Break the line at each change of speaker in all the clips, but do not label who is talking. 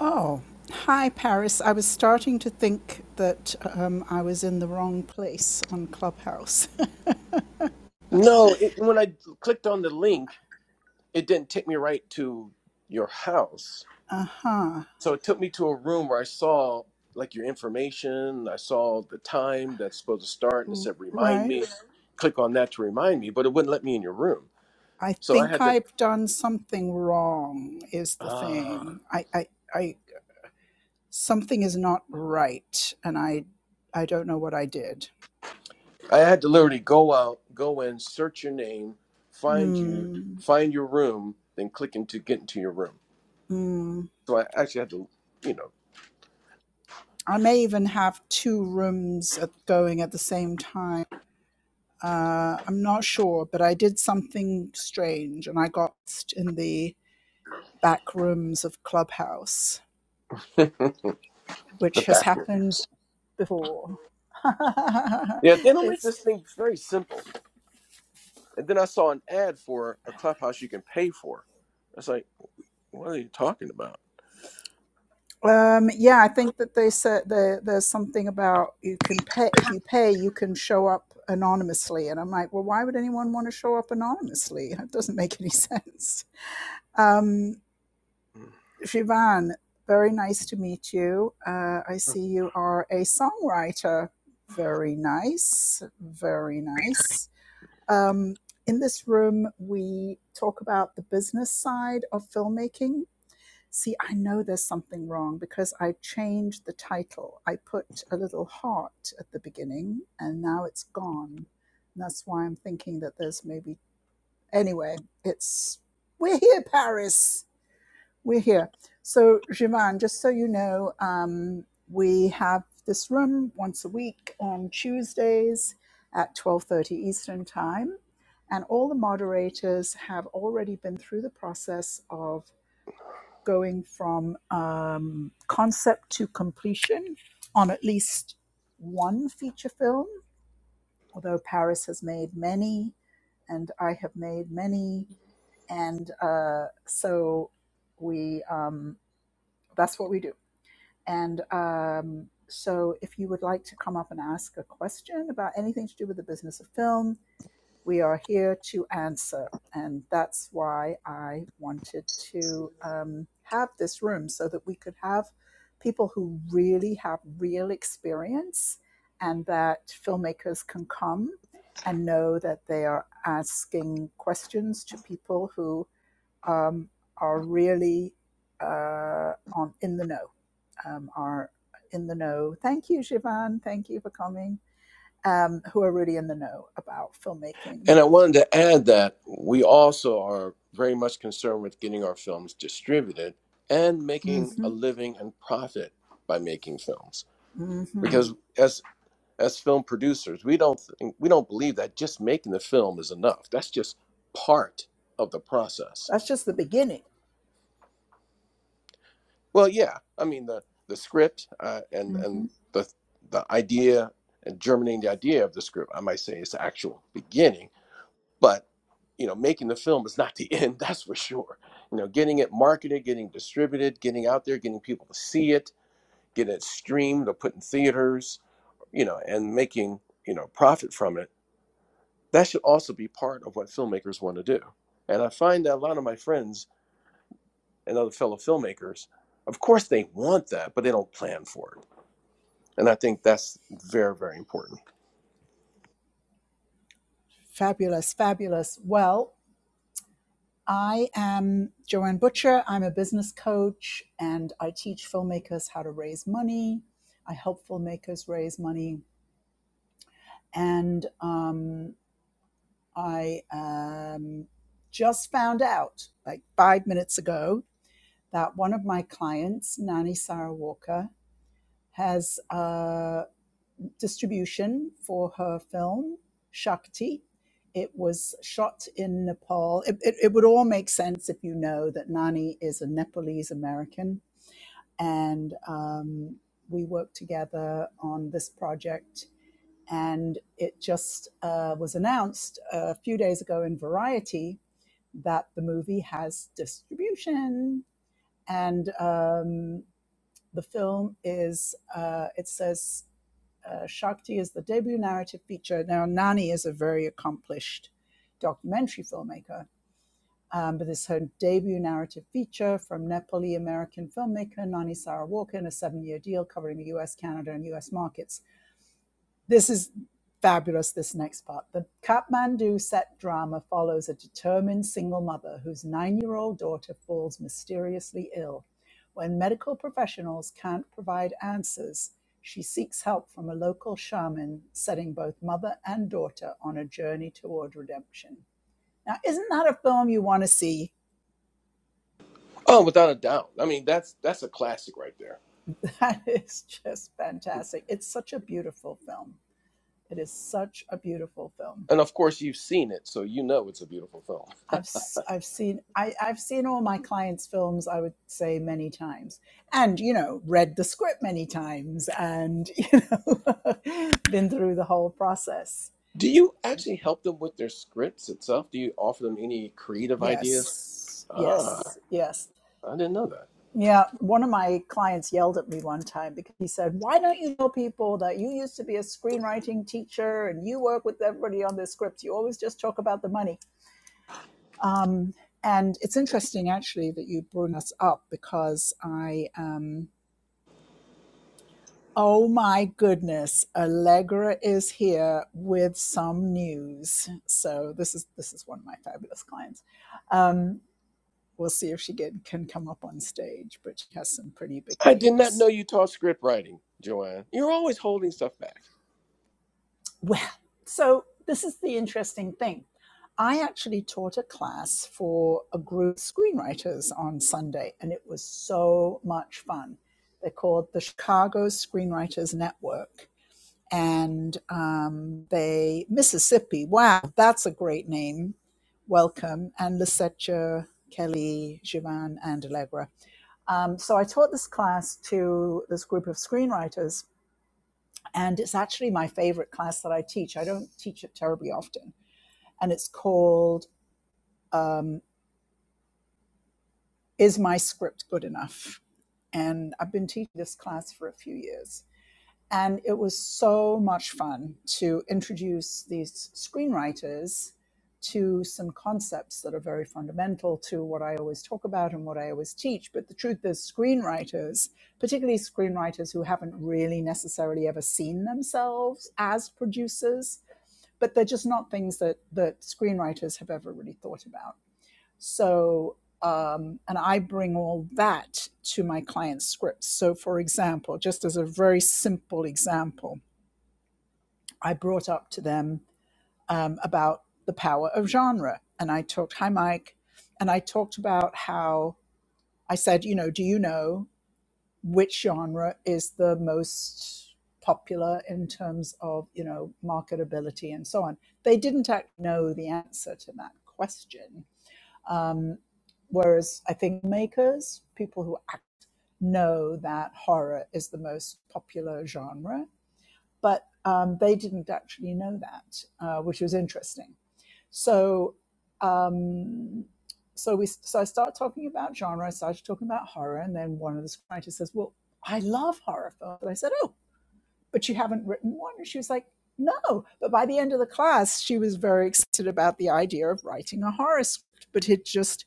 Oh, hi, Paris. I was starting to think that um, I was in the wrong place on Clubhouse.
No, it, when I clicked on the link, it didn't take me right to your house.
uh huh.
So it took me to a room where I saw like your information. I saw the time that's supposed to start, and it said remind
Right.
me. Click on that to remind me, but it wouldn't let me in your room.
I
So I
think
had to,
I've done something wrong, is the
ah,
thing. I, I, I, something is not right, and I, I don't know what I did.
I had to literally go out, go in, search your name, find you,
Hmm.
find your room, then click into get into your room.
Hmm.
So I actually had to, you know,
I may even have two rooms at, going at the same time. Uh, I'm not sure, but I did something strange, and I got lost in the back rooms of Clubhouse,
the
which has
back
happened
rooms.
before.
Yeah, they don't make
it's
this thing very simple. And then I saw an ad for a clubhouse you can pay for. I was like, what are you talking about?
um, yeah, I think that they said there, there's something about you can pay if you pay, you can show up anonymously, and I'm like, well, why would anyone want to show up anonymously? It doesn't make any sense. Um,
Mm.
Shivan, very nice to meet you. Uh, I see you are a songwriter. Very nice, very nice. Um, in this room, we talk about the business side of filmmaking. See, I know there's something wrong because I changed the title. I put a little heart at the beginning and now it's gone. And that's why I'm thinking that there's maybe. Anyway, it's. We're here, Paris. We're here. So, Jiman, just so you know, um, we have this room once a week on Tuesdays at 12:30 Eastern Time, and all the moderators have already been through the process of going from um, concept to completion on at least one feature film. Although Paris has made many, and I have made many, and uh, so we. Um, that's what we do. And um, so, if you would like to come up and ask a question about anything to do with the business of film, we are here to answer. And that's why I wanted to um, have this room so that we could have people who really have real experience and that filmmakers can come and know that they are asking questions to people who um, are really uh, on in the know um, are in the know. Thank you, Siobhan. Thank you for coming. Um, who are really in the know about filmmaking.
And I wanted to add that we also are very much concerned with getting our films distributed and
hmm
making a living and profit by making films.
hmm
Because as as film producers, we don't think, we don't believe that just making the film is enough. That's just part of the process.
That's just the beginning.
Well, yeah. I mean the the script uh, and
hmm
and the the idea and germinating the idea of the script. I might say is the actual beginning, but you know, making the film is not the end. That's for sure. You know, getting it marketed, getting distributed, getting out there, getting people to see it, getting it streamed or put in theaters. You know, and making you know profit from it. That should also be part of what filmmakers want to do. And I find that a lot of my friends and other fellow filmmakers, of course, they want that, but they don't plan for it And I think that's very, very important.
Fabulous, fabulous. Well, I am Joanne Butcher. I'm a business coach and I teach filmmakers how to raise money. I help filmmakers raise money. And um, I um, just found out, like five minutes ago, that one of my clients, Nani Sarah Walker, has uh, distribution for her film, Shakti. It was shot in Nepal. It, it, it would all make sense if you know that Nani is a Nepalese American. And um, we worked together on this project. And it just uh, was announced a few days ago in Variety that the movie has distribution. And um, the film is, uh, it says, uh, Shakti is the debut narrative feature. Now, Nani is a very accomplished documentary filmmaker, um, but this is her debut narrative feature from Nepali American filmmaker Nani Sarah Walker in a seven year deal covering the US, Canada, and US markets. This is fabulous, this next part. The Kathmandu set drama follows a determined single mother whose nine year old daughter falls mysteriously ill. When medical professionals can't provide answers, she seeks help from a local shaman, setting both mother and daughter on a journey toward redemption. Now, isn't that a film you want to see?
Oh, without a doubt. I mean, that's that's a classic right there.
That is just fantastic. It's such a beautiful film. It is such a beautiful film.
And of course, you've seen it, so you know it's a beautiful film.
I've i I've seen I, I've seen all my clients' films. I would say many times, and you know, read the script many times, and you know, been through the whole process.
Do you actually help them with their scripts itself? Do you offer them any creative ideas?
Yes,
Ah,
yes, yes.
I didn't know that.
Yeah, one of my clients yelled at me one time because he said, "Why don't you tell people that you used to be a screenwriting teacher and you work with everybody on their scripts? You always just talk about the money." Um, and it's interesting actually that you bring us up because I am Oh my goodness, Allegra is here with some news. So this is this is one of my fabulous clients. Um, we'll see if she get, can come up on stage, but she has some pretty big
I did not know
news.
you taught script writing, Joanne. You're always holding stuff back.
Well, so this is the interesting thing. I actually taught a class for a group of screenwriters on Sunday, and it was so much fun. They're called the Chicago Screenwriters Network and um, they Mississippi. Wow, that's a great name. Welcome and Lisetta, Kelly, Jivan, and Allegra. Um, so I taught this class to this group of screenwriters, and it's actually my favorite class that I teach. I don't teach it terribly often, and it's called um, "Is My Script Good Enough?" And I've been teaching this class for a few years And it was so much fun to introduce these screenwriters to some concepts that are very fundamental to what I always talk about and what I always teach. But the truth is, screenwriters, particularly screenwriters who haven't really necessarily ever seen themselves as producers, but they're just not things that, that screenwriters have ever really thought about. So, um, and I bring all that to my client's scripts. So, for example, just as a very simple example, I brought up to them um, about the power of genre. And I talked, hi, Mike. And I talked about how I said, you know, do you know which genre is the most popular in terms of, you know, marketability and so on? They didn't actually know the answer to that question um, whereas I think makers, people who act, know that horror is the most popular genre, but um, they didn't actually know that, uh, which was interesting. So, um, so we so I start talking about genre. I started talking about horror, and then one of the writers says, "Well, I love horror films." And I said, "Oh, but you haven't written one." And she was like, "No." But by the end of the class, she was very excited about the idea of writing a horror script, but it just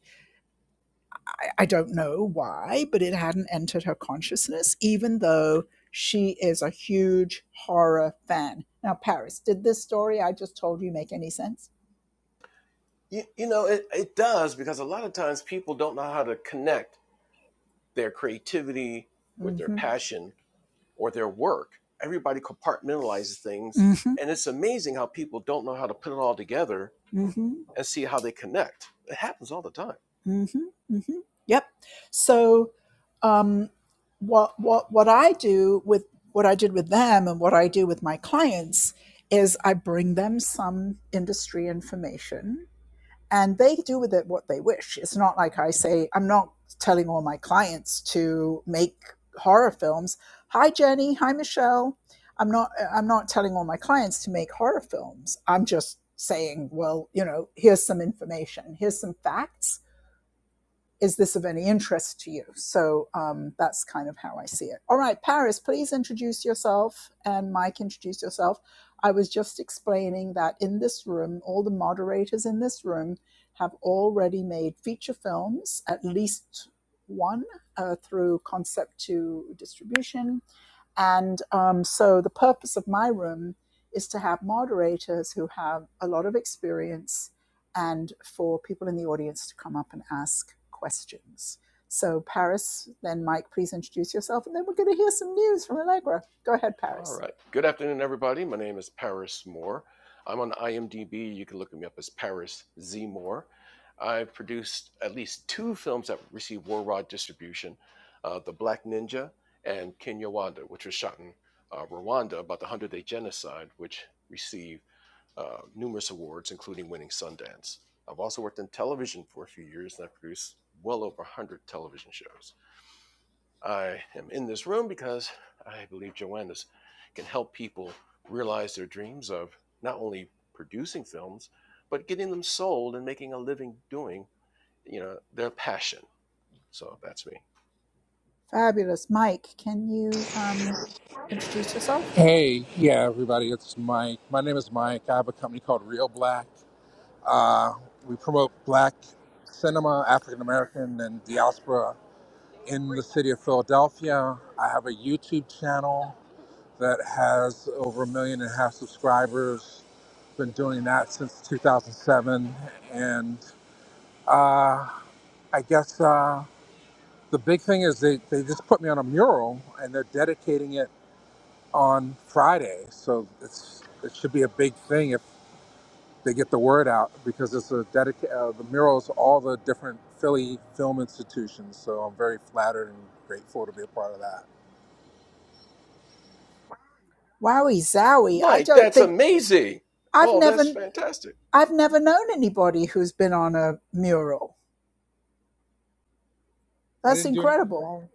I, I don't know why, but it hadn't entered her consciousness, even though she is a huge horror fan. Now, Paris, did this story I just told you make any sense?
You, you know, it, it does because a lot of times people don't know how to connect their creativity with their
Mm-hmm.
passion or their work. Everybody compartmentalizes things.
Mm-hmm.
And it's amazing how people don't know how to put it all together
Mm-hmm.
and see how they connect. It happens all the time.
Mm-hmm. Mm-hmm. Yep. So um, what what what I do with what I did with them and what I do with my clients is I bring them some industry information and they do with it what they wish. It's not like I say, I'm not telling all my clients to make horror films. Hi, Jenny. Hi, Michelle. I'm not, I'm not telling all my clients to make horror films. I'm just saying, well, you know, here's some information, here's some facts is this of any interest to you? So um, that's kind of how I see it. All right, Paris, please introduce yourself, and Mike, introduce yourself. I was just explaining that in this room, all the moderators in this room have already made feature films, at least one uh, through concept to distribution and um, so the purpose of my room is to have moderators who have a lot of experience and for people in the audience to come up and ask questions. So, Paris, then Mike, please introduce yourself, and then we're going to hear some news from Allegra. Go ahead,
All
Paris.
right. Good afternoon, everybody. My name is Paris Moore. I'm on IMDb. You can look me up as Paris Z. Moore. I've produced at least two films that received War Rod distribution uh, The Black Ninja and Kinyawanda, which was shot in uh, Rwanda about the 100 Day Genocide, which received uh, numerous awards, including winning Sundance. I've also worked in television for a few years, and I have produced well over 100 television shows. I am in this room because I believe Joanna's can help people realize their dreams of not only producing films, but getting them sold and making a living doing, you know, their passion. So that's me.
Fabulous. Mike, can you um, introduce yourself?
Hey, yeah, everybody, it's Mike. My name is Mike. I have a company called Real Black. Uh, we promote black cinema, African American, and diaspora in the city of Philadelphia. I have a YouTube channel that has over a million and a half subscribers. Been doing that since 2007. And uh, I guess uh, the big thing is they, they just put me on a mural and they're dedicating it on Friday. So it's it should be a big thing they get the word out because it's a dedica- uh, the murals all the different Philly film institutions. So I'm very flattered and grateful to be a part of that.
Wowie zowie. I
Mike,
don't
that's
think
amazing.
I've
Oh, that's
never
fantastic.
I've never known anybody who's been on a mural.
I
That's
didn't do anything
incredible.
wrong.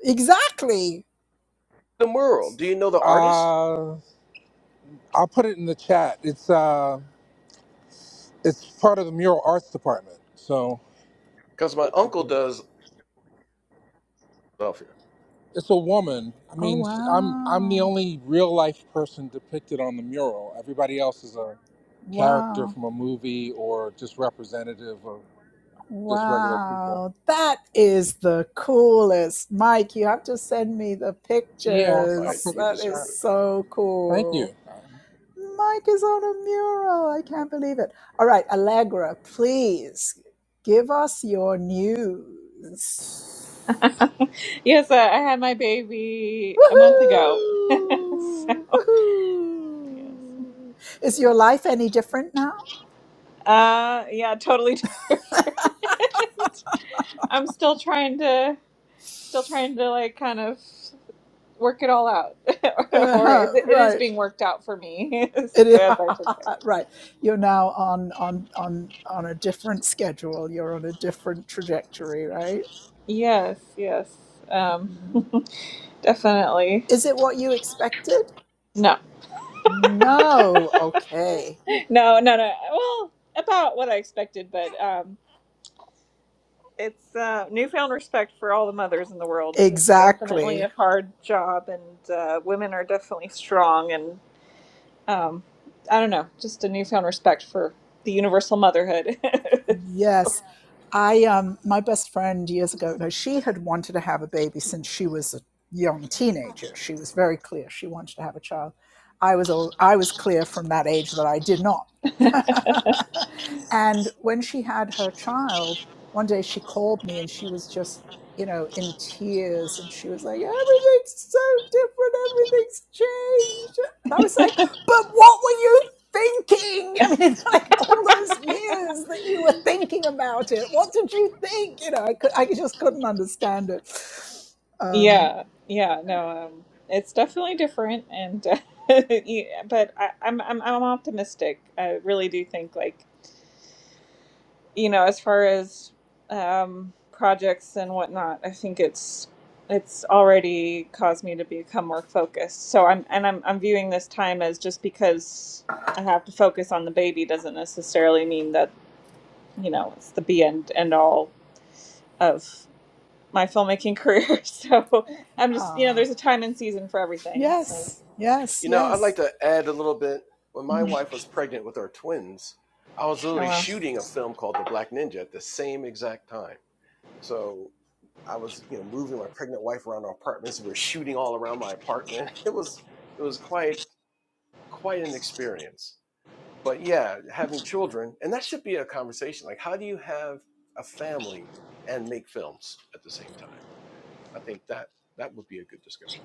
Exactly.
The world. Do you know the artist?
Uh, I'll put it in the chat. It's uh, it's part of the mural arts department. So
Because my uncle does Philadelphia.
it's a woman. I
Oh,
mean, sh- I'm I'm the
wow.
only real life person depicted on the mural. Everybody else is a character
Wow.
from a movie or just representative of just regular people.
Wow. That is the coolest. Mike, you have to send me the
Yeah, I'll, I'll
Mike,
pictures.
put it
you
in
That
the chat.
is
deserve it, man.
so
Thank you.
cool. Mike is on a mural. I can't believe it. All right, Allegra, please give us your news.
Yes, uh, I had my baby a month ago. so,
Woohoo!
yes.
Woohoo! Is your life any different now?
uh, yeah, totally different. I'm still trying to, still trying to like kind of work it all out, or
Uh-huh,
it, it is
right.
being worked out for me, as
It is,
I should say.
right. You're now on on on on a different schedule. You're on a different trajectory, right?
Yes, yes, um,
Mm.
definitely.
Is it what you expected?
No,
No. Okay.
no, no, no. Well, about what I expected, but um, it's uh, newfound respect for all the mothers in the world. It's
Exactly.
definitely a hard job, and uh, women are definitely strong. And um, I don't know, just a newfound respect for the universal motherhood. So,
Yes. I um my best friend years ago, no, she had wanted to have a baby since she was a young teenager. She was very clear she wanted to have a child. I was al- I was clear from that age that I did not. and when she had her child, one day she called me and she was just, you know, in tears and she was like, "Everything's so different, everything's changed." And I was like, "But what were you thinking? I mean, like all those years that you were thinking about it. What did you think? You know, I could, I just couldn't understand it. Um,
yeah, yeah, no, um, it's definitely different, and uh, yeah, but I, I'm I'm I'm optimistic. I really do think like you know, as far as um, projects and whatnot, I think it's it's already caused me to become more focused. So I'm and I'm I'm viewing this time as just because I have to focus on the baby doesn't necessarily mean that you know it's the be and end all of my filmmaking career. So I'm just you
ah,
know there's a time and season for everything. So
yes, yes,
You know, I'd like
yes.
to add a little bit. When my
Mhm.
wife was pregnant with our twins, I was
oh
literally
well,
shooting a film called The Black Ninja at the same exact time. So I was, you know, moving my pregnant wife around our apartments. We were shooting all around my apartment. It was it was quite quite an experience. But yeah, having children, and that should be a conversation. Like, how do you have a family and make films at the same time? I think that that would be a good discussion.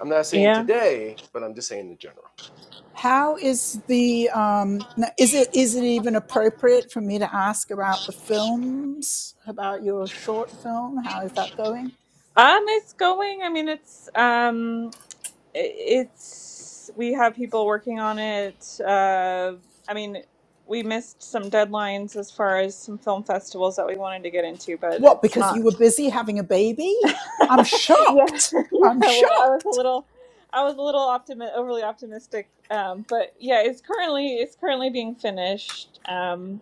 I'm not saying
yeah.
today, but I'm just saying in general.
How is the um, is it is it even appropriate for me to ask about the films about your short film? How is that going?
Um, it's going. I mean, it's um. it's we have people working on it. Uh, I mean, we missed some deadlines as far as some film festivals that we wanted to get into, but
What
it's
because you were
not.
busy having a baby?
yeah,
I'm
yeah.
shocked. I'm
Well, I was a
shocked.
little, I was a little optimi- overly optimistic. Um, but yeah, it's currently it's currently being finished, um,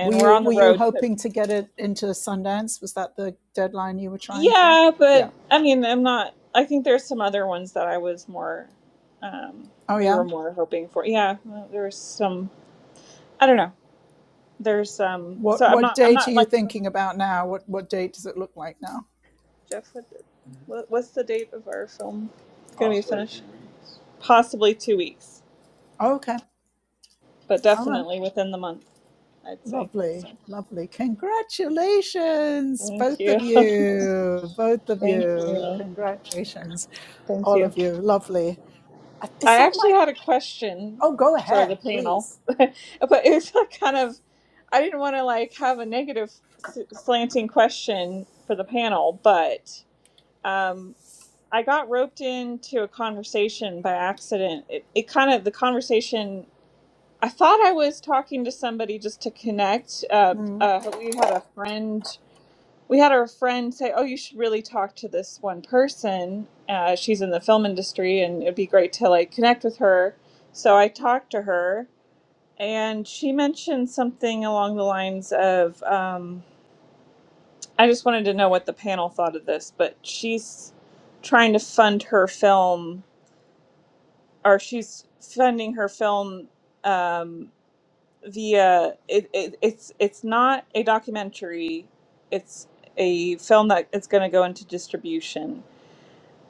Were
we're
you
on the
were you
road to.
hoping to get it into Sundance? Was that the deadline you were trying for?
Yeah, but
Yeah.
I mean, I'm not. I think there's some other ones that I was more. Um,
Oh
we
yeah.
were more hoping for. Yeah, well, there was some I don't know. There's um. So
What
I'm
what
not. I'm
date are
not
you
like
thinking about now? What what date does it look like now?
Jeff. What, what what's the date of our film It's going to be Possibly finished? two weeks. Possibly two weeks,
Oh, okay.
but
All right.
definitely within the month. I'd say. So
Lovely. Lovely. Congratulations,
thank
both
you,
of you. Both of
thank
you.
you,
Congratulations,
thank
all
you.
of you. Lovely. Uh, Is
I
that my?
actually had a question
Oh, go
for the
ahead,
panel,
please.
but it was like kind of. I didn't want to like have a negative s- slanting question for the panel, but. Um, I got roped into a conversation by accident. It, it kind of, the conversation, I thought I was talking to somebody just to connect. Uh,
Mm.
uh, we had a friend, we had our friend say, Oh, you should really talk to this one person. Uh, she's in the film industry and it'd be great to like connect with her. So I talked to her and she mentioned something along the lines of, um, I just wanted to know what the panel thought of this, but she's trying to fund her film or she's funding her film um, via it, it, it's it's not a documentary it's a film that is going to go into distribution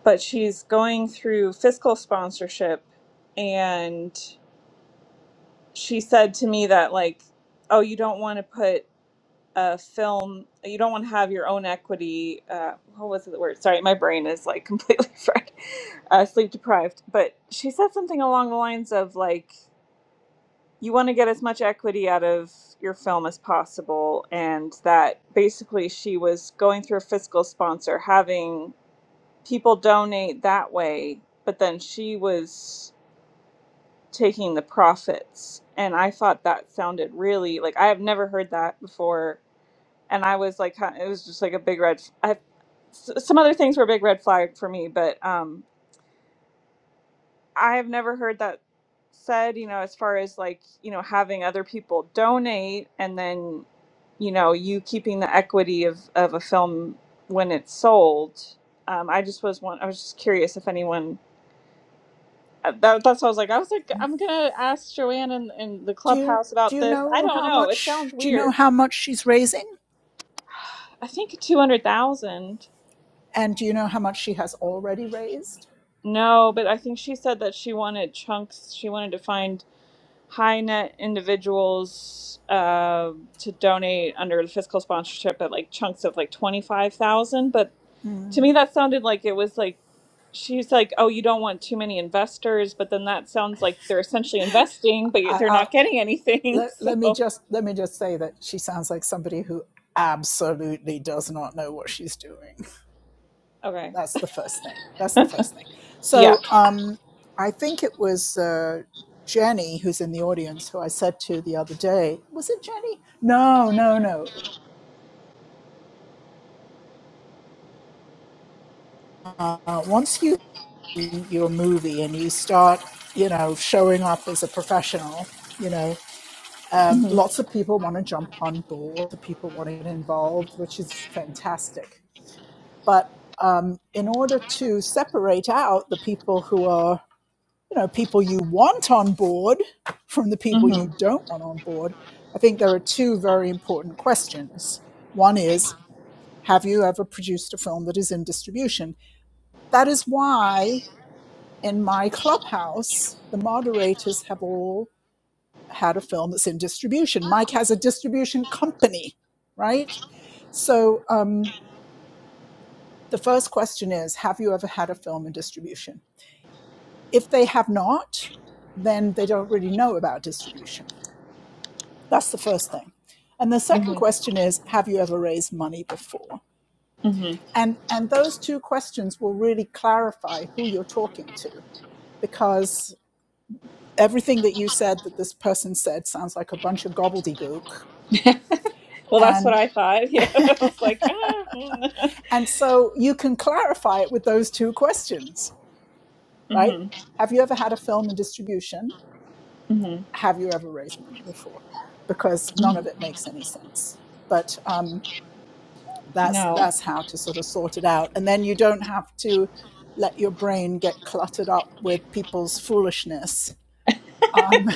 but she's going through fiscal sponsorship and she said to me that like oh you don't want to put a film you don't want to have your own equity uh, what was the word sorry my brain is like completely fried uh, sleep deprived but she said something along the lines of like you want to get as much equity out of your film as possible and that basically she was going through a fiscal sponsor having people donate that way but then she was taking the profits and i thought that sounded really like i have never heard that before and i was like huh, it was just like a big red i s- some other things were a big red flag for me but um I have never heard that said, you know, as far as like, you know, having other people donate and then, you know, you keeping the equity of, of a film when it's sold. Um, I just was one, I was just curious if anyone, uh, that, that's what I was like. I was like, I'm going to ask Joanne in, in the
Do you
clubhouse
do
about
you
this. I
know
don't
how
know. It sounds
much? Do you know
weird.
how much she's raising?
I think 200,000.
And do you know how much she has already raised?
No, but I think she said that she wanted chunks. She wanted to find high net individuals uh, to donate under the fiscal sponsorship at like chunks of like 25,000 but to me that sounded like it was like she's like oh you don't want too many investors but then that sounds like they're essentially investing but you-
I,
they're
I,
not getting anything
let,
so
let me just let me just say that she sounds like somebody who absolutely does not know what she's doing.
okay
That's the first thing. That's the first thing.
yeah
So um, I think it was uh, Jenny who's in the audience who I said to the other day. Was it Jenny? No, no, no. Uh, once you do your movie and you start, you know, showing up as a professional, you know, Um,
mhm
lots of people want to jump on board, the people want to get involved, which is fantastic. But um, in order to separate out the people who are, you know, people you want on board from the people
mhm
you don't want on board, I think there are two very important questions. One is, have you ever produced a film that is in distribution? That is why in my clubhouse, the moderators have all had a film that's in distribution. Mike has a distribution company, right? So um, the first question is Have you ever had a film in distribution? If they have not, then they don't really know about distribution. That's the first thing. And the second
mhm
question is Have you ever raised money before?
mhm
And, and those two questions will really clarify who you're talking to because everything that you said that this person said sounds like a bunch of gobbledygook.
well that's what
And
i thought yeah i was like ah.
And so you can clarify it with those two questions, right?
mhm
Have you ever had a film in distribution?
mhm
Have you ever raised money before? Because none of
mhm
it makes any sense. But um, that's
no
that's how to sort of sort it out, and then you don't have to let your brain get cluttered up with people's foolishness. Um,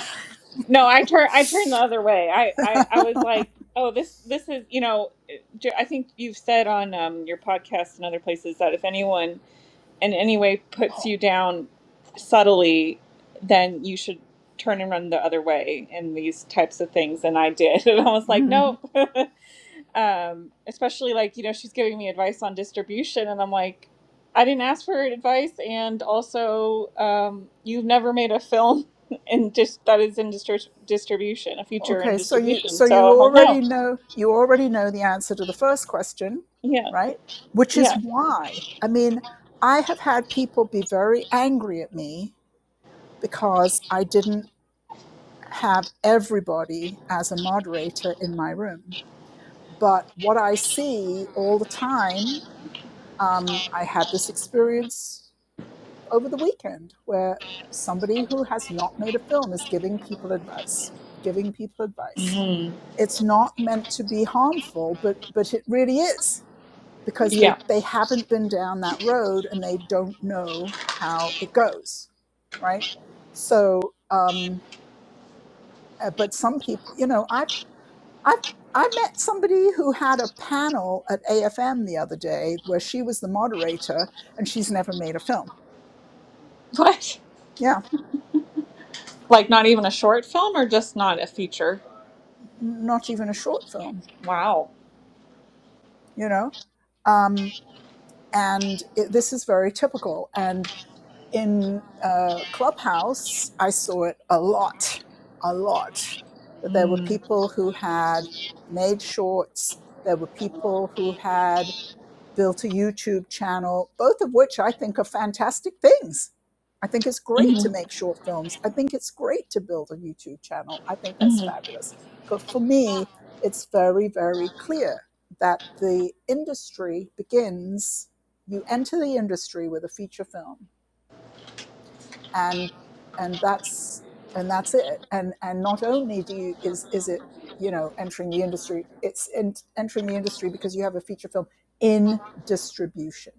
No, I turn I turned the other way. I, I I was like, oh, this this is you know, J- I think you've said on um, your podcast and other places that if anyone in any way puts you down subtly, then you should turn and run the other way in these types of things. And I did, and I was like,
mm.
nope. um, especially like you know she's giving me advice on distribution and i'm like i didn't ask for advice and also um, you've never made a film in just that is in distri- distribution a feature in
Okay, so you
distribution
so
so
you
i'm like no
already know you already know the answer to the first question,
yeah
right? Which is
yeah
why. I mean, I have had people be very angry at me because I didn't have everybody as a moderator in my room. But what I see all the time, um, I had this experience over the weekend where somebody who has not made a film is giving people advice, giving people advice
Mm.
it's not meant to be harmful, but but it really is because they
yeah
they haven't been down that road and they don't know how it goes, right? So, um, uh, but some people, you know, I've I've I met somebody who had a panel at AFM the other day where she was the moderator and she's never made a film.
what
Yeah,
like not even a short film or just not a feature
not even a short film,
wow
you know. Um, and it, this is very typical. and. in uh, Clubhouse, I saw it a lot, a lot. That there were
Mm.
people who had made shorts, there were people who had built a YouTube channel, both of which I think are fantastic things. I think it's great
hmm
to make short films. I think it's great to build a YouTube channel. I think that's
hmm
fabulous. But for me, it's very, very clear that the industry begins, you enter the industry with a feature film and and that's and that's it and and not only do you is is it you know entering the industry it's in, entering the industry because you have a feature film in distribution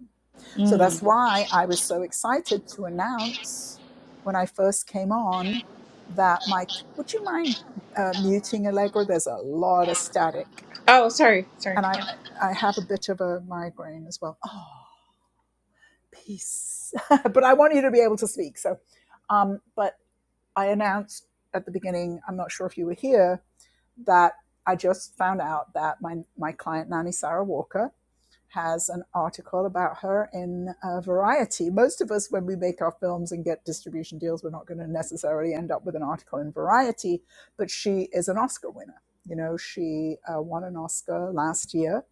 so that's
mm.
why i was so excited to announce when i first came on that my would you mind uh, muting allegra there's a lot of static
oh sorry sorry
and i
yeah.
i have a bit of a migraine as well oh peace but i want you to be able to speak so um, but I announced at the beginning, I'm not sure if you were here, that I just found out that my, my client, Nani Sarah Walker, has an article about her in uh, Variety. Most of us, when we make our films and get distribution deals, we're not going to necessarily end up with an article in Variety, but she is an Oscar winner. You know, she uh, won an Oscar last year.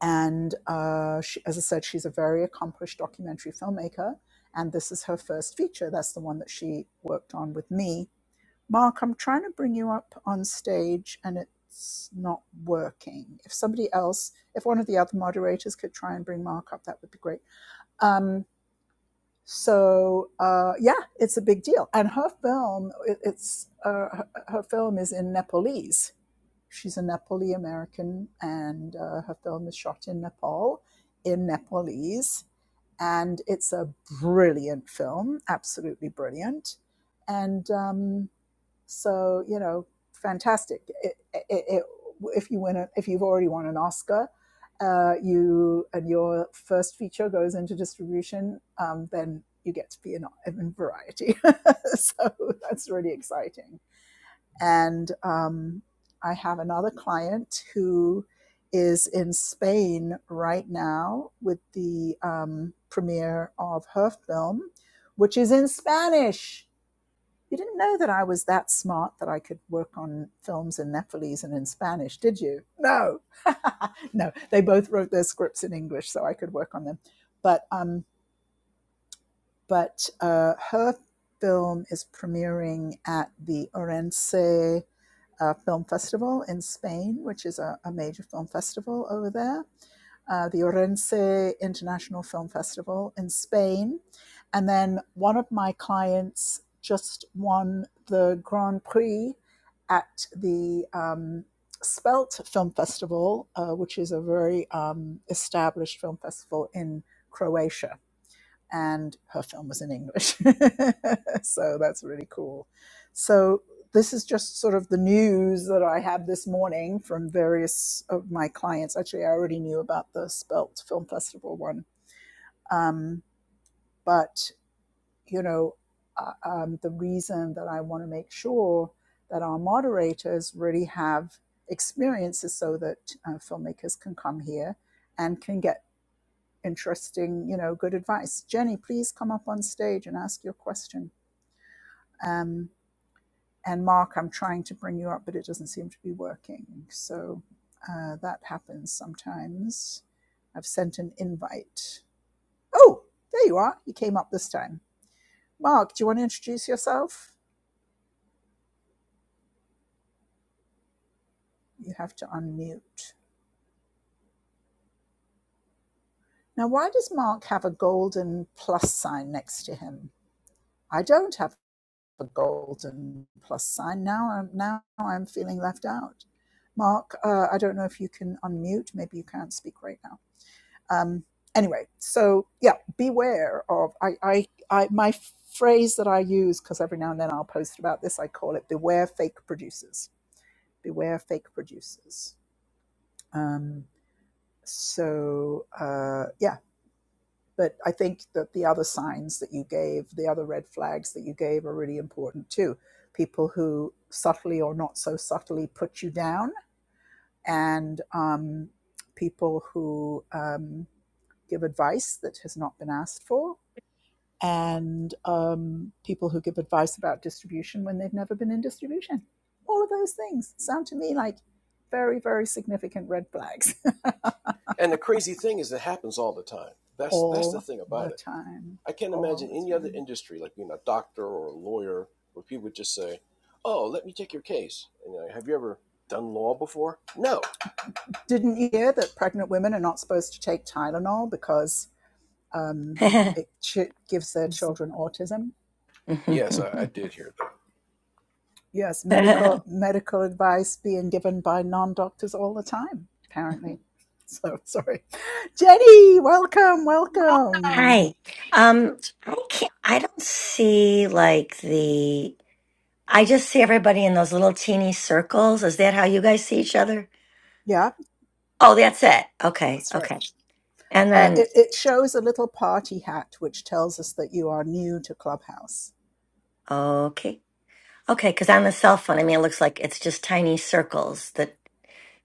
And uh, she, as I said, she's a very accomplished documentary filmmaker. And this is her first feature. That's the one that she worked on with me Mark, I'm trying to bring you up on stage and it's not working. If somebody else, if one of the other moderators could try and bring Mark up, that would be great. Um, so uh, yeah, it's a big deal. And her film, it, it's uh, her, her film is in Nepalese. She's a Nepali American, and uh, her film is shot in Nepal, in Nepalese, and it's a brilliant film, absolutely brilliant. And um, so you know, fantastic. It, it, it, if you win, a, if you've already won an Oscar, uh, you and your first feature goes into distribution, um, then you get to be in, in Variety. so that's really exciting. And um, I have another client who is in Spain right now with the um, premiere of her film, which is in Spanish you didn't know that I was that smart that I could work on films in Nepalese and in Spanish, did you? No. no, they both wrote their scripts in English so I could work on them. But um, but uh, her film is premiering at the Orense uh, Film Festival in Spain, which is a, a major film festival over there, uh, the Orense International Film Festival in Spain. And then one of my clients just won the Grand Prix at the um, Spelt Film Festival, uh, which is a very um, established film festival in Croatia and her film was in English. so that's really cool. So this is just sort of the news that I had this morning from various of my clients. Actually, I already knew about the Spelt Film Festival one, um, but you know, uh, um, the reason that I want to make sure that our moderators really have experiences so that uh, filmmakers can come here and can get interesting, you know, good advice. Jenny, please come up on stage and ask your question. Um, and Mark, I'm trying to bring you up, but it doesn't seem to be working. So uh, that happens sometimes. I've sent an invite. Oh, there you are. You came up this time. Mark, do you want to introduce yourself? You have to unmute. Now, why does Mark have a golden plus sign next to him? I don't have. A golden plus sign. Now I'm now I'm feeling left out. Mark, uh, I don't know if you can unmute. Maybe you can't speak right now. Um, anyway, so yeah, beware of I I, I my phrase that I use because every now and then I'll post about this. I call it beware fake producers. Beware fake producers. Um, so uh, yeah but I think that the other signs that you gave, the other red flags that you gave, are really important too. People who subtly or not so subtly put you down, and um, people who um, give advice that has not been asked for, and um, people who give advice about distribution when they've never been in distribution. All of those things sound to me like very, very significant red flags
And the crazy thing is, it happens all the time. That's that's the
all
thing
the
about it.
time.
I can't
All
imagine
the
any other
time.
industry, like being a doctor or a lawyer, where people would just say, "Oh, let me take your case." And you know, have you ever done law before? No.
Didn't hear that pregnant women are not supposed to take Tylenol because um,
Hi.
it ch- gives their children autism?
Yes, I, I did hear that.
Yes, medical medical advice being given by non doctors all the time, apparently. So sorry, Jenny. Welcome, welcome.
Um, I can't, I don't see like the, I just see everybody in those little teeny circles. Is that how you guys see each other?
Yeah,
Oh, that's it. Okay.
that's right.
Okay. And
Uh,
then,
it, it shows a little party hat which tells us that you are new to Clubhouse.
okay. Okay. Cause on the cell phone, I mean, it looks like it's just tiny circles that,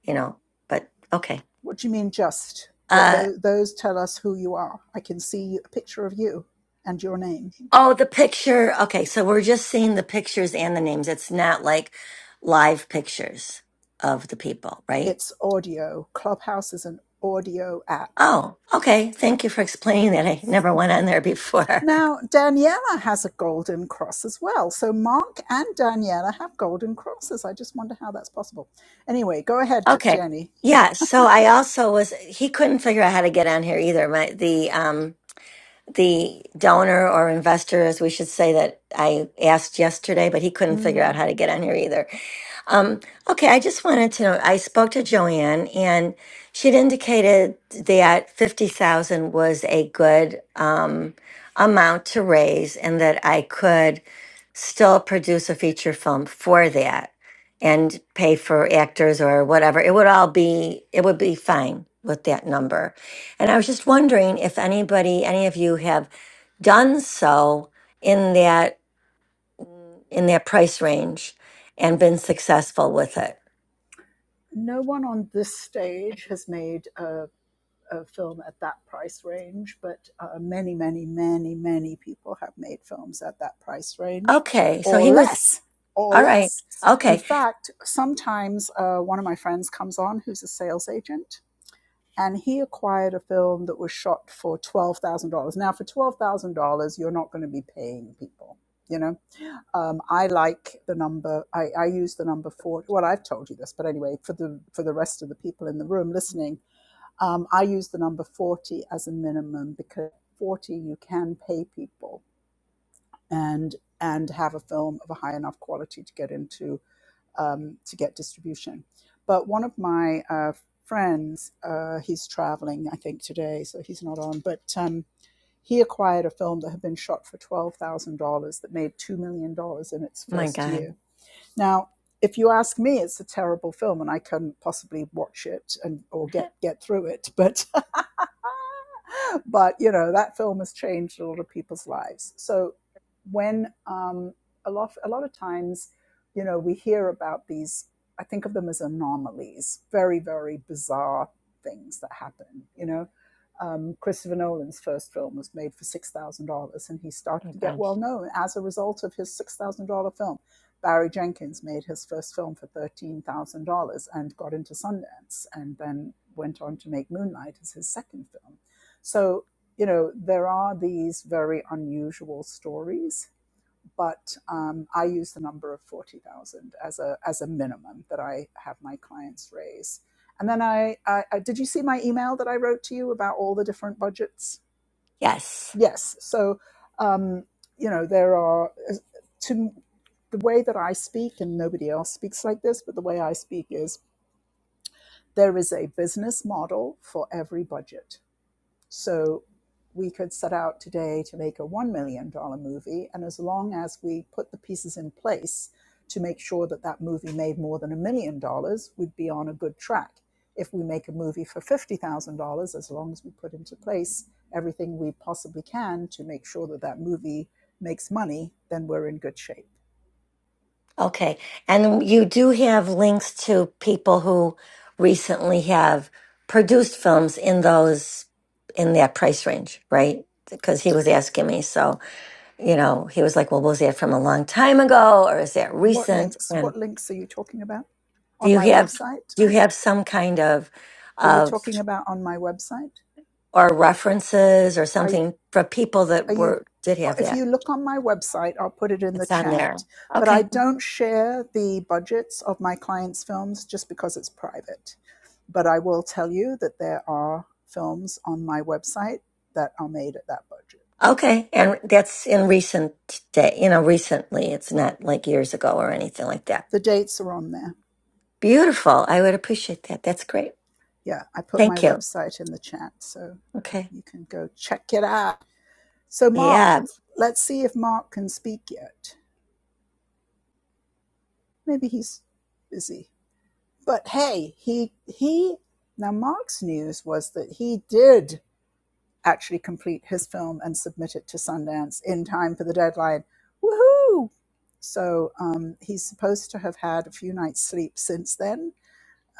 you know, but okay.
What do you mean, just? It,
Uh,
tho- those tell us who you are. I can see a picture of you and your name.
oh, the picture. Okay. So we're just seeing the pictures and the names. It's not like live pictures of the people, right?
it's audio. Clubhouse is an audio app.
Oh, okay. Thank you for explaining that. I never went on there before.
Now, Daniela has a golden cross as well. So, Mark and Daniela have golden crosses. I just wonder how that's possible. Anyway, go ahead,
Okay.
Jenny.
Yeah, so I also was he couldn't figure out how to get on here either. My the um the donor or investor as we should say that I asked yesterday, but he couldn't figure out
Mm,
how to get on here either. Um okay, I just wanted to know I spoke to Joanne and she'd indicated that 50,000 was a good um amount to raise and that I could still produce a feature film for that and pay for actors or whatever. It would all be, it would be fine with that number. And I was just wondering if anybody, any of you have done so in that, in that price range and been successful with it.
no one on this stage has made a, a film at that price range, but uh, many, many, many, many people have made films at that price range
Okay. So
or
he was,
less, or
all right.
less. In
Okay.
fact, sometimes uh, one of my friends comes on who's a sales agent and he acquired a film that was shot for twelve thousand dollars. Now, for twelve thousand dollars, you're not going to be paying people. You know, um, I like the number. I, I use the number four. Well, I've told you this, but anyway, for the for the rest of the people in the room listening, um, I use the number forty as a minimum because forty you can pay people and and have a film of a high enough quality to get into um, to get distribution. But one of my uh, friends, uh, he's traveling, I think, today, so he's not on, but um, he acquired a film that had been shot for $12,000 that made $2 million dollars in its
Oh my
first
God.
year now, if you ask me, it's a terrible film, and I couldn't possibly watch it and or get get through it. But but you know that film has changed a lot of people's lives. So when um, a lot a lot of times, you know, we hear about these. I think of them as anomalies, very very bizarre things that happen. You know, um, Christopher Nolan's first film was made for six thousand dollars, and he started
Oh
to
my
get
gosh.
well known as a result of his six thousand dollar film Barry Jenkins made his first film for $13,000 and got into Sundance and then went on to make Moonlight as his second film. So, you know, there are these very unusual stories, but um, I use the number of 40,000 as a, as a minimum that I have my clients raise. And then I, I, I, did you see my email that I wrote to you about all the different budgets?
Yes.
Yes. So, um, you know, there are, to the way that I speak, and nobody else speaks like this, but the way I speak is there is a business model for every budget. So we could set out today to make a $1 million dollar movie. And as long as we put the pieces in place to make sure that that movie made more than a million dollars, we'd be on a good track. If we make a movie for $50,000, as long as we put into place everything we possibly can to make sure that that movie makes money, then we're in good shape.
Okay. And you do have links to people who recently have produced films in those in that price range, right? Because he was asking me. So, you know, he was like, Well, was that from a long time ago or is that
What
recent?
links?
And
What links are you talking about?
do
On
you
my
have
website?
do you have some kind of
Are you
of
talking about on my website?
or references or
I,
something for people
Are
that
you,
were did
uh,
have
if
that?
you look on my website, I'll put it in the
It's on there.
chat, but
Okay.
I don't share the budgets of my clients' films just because it's private. But I will tell you that there are films on my website that are made at that budget.
Okay, and that's in recent day, you know, recently. It's not like years ago or anything like that.
The dates are on there.
Beautiful. I would appreciate that. That's great.
Yeah, I put my
Thank you.
website in the chat, so
Okay.
you can go check it out. So, Mark,
Yeah,
let's see if Mark can speak yet. Maybe he's busy. but hey, he he now Mark's news was that he did actually complete his film and submit it to Sundance in time for the deadline. Woohoo! So um, he's supposed to have had a few nights sleep since then,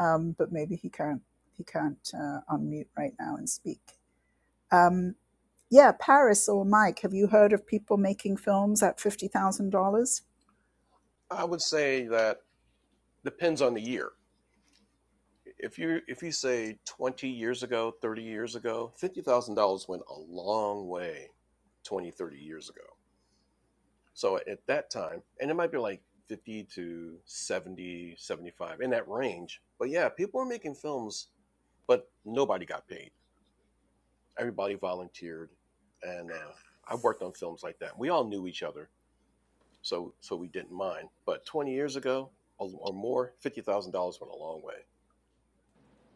um, but maybe he can't he can't uh, unmute right now and speak. Um, yeah, Paris or Mike, have you heard of people making films at fifty thousand dollars?
I would say that depends on the year. If you if you say twenty years ago, thirty years ago, fifty thousand dollars went a long way. 20 30 years ago. So at that time, and it might be like 50 to 70, 75 in that range. But yeah, people were making films, but nobody got paid. Everybody volunteered. And uh, I worked on films like that. We all knew each other, so so we didn't mind. But 20 years ago or or more, $50,000 went a long way.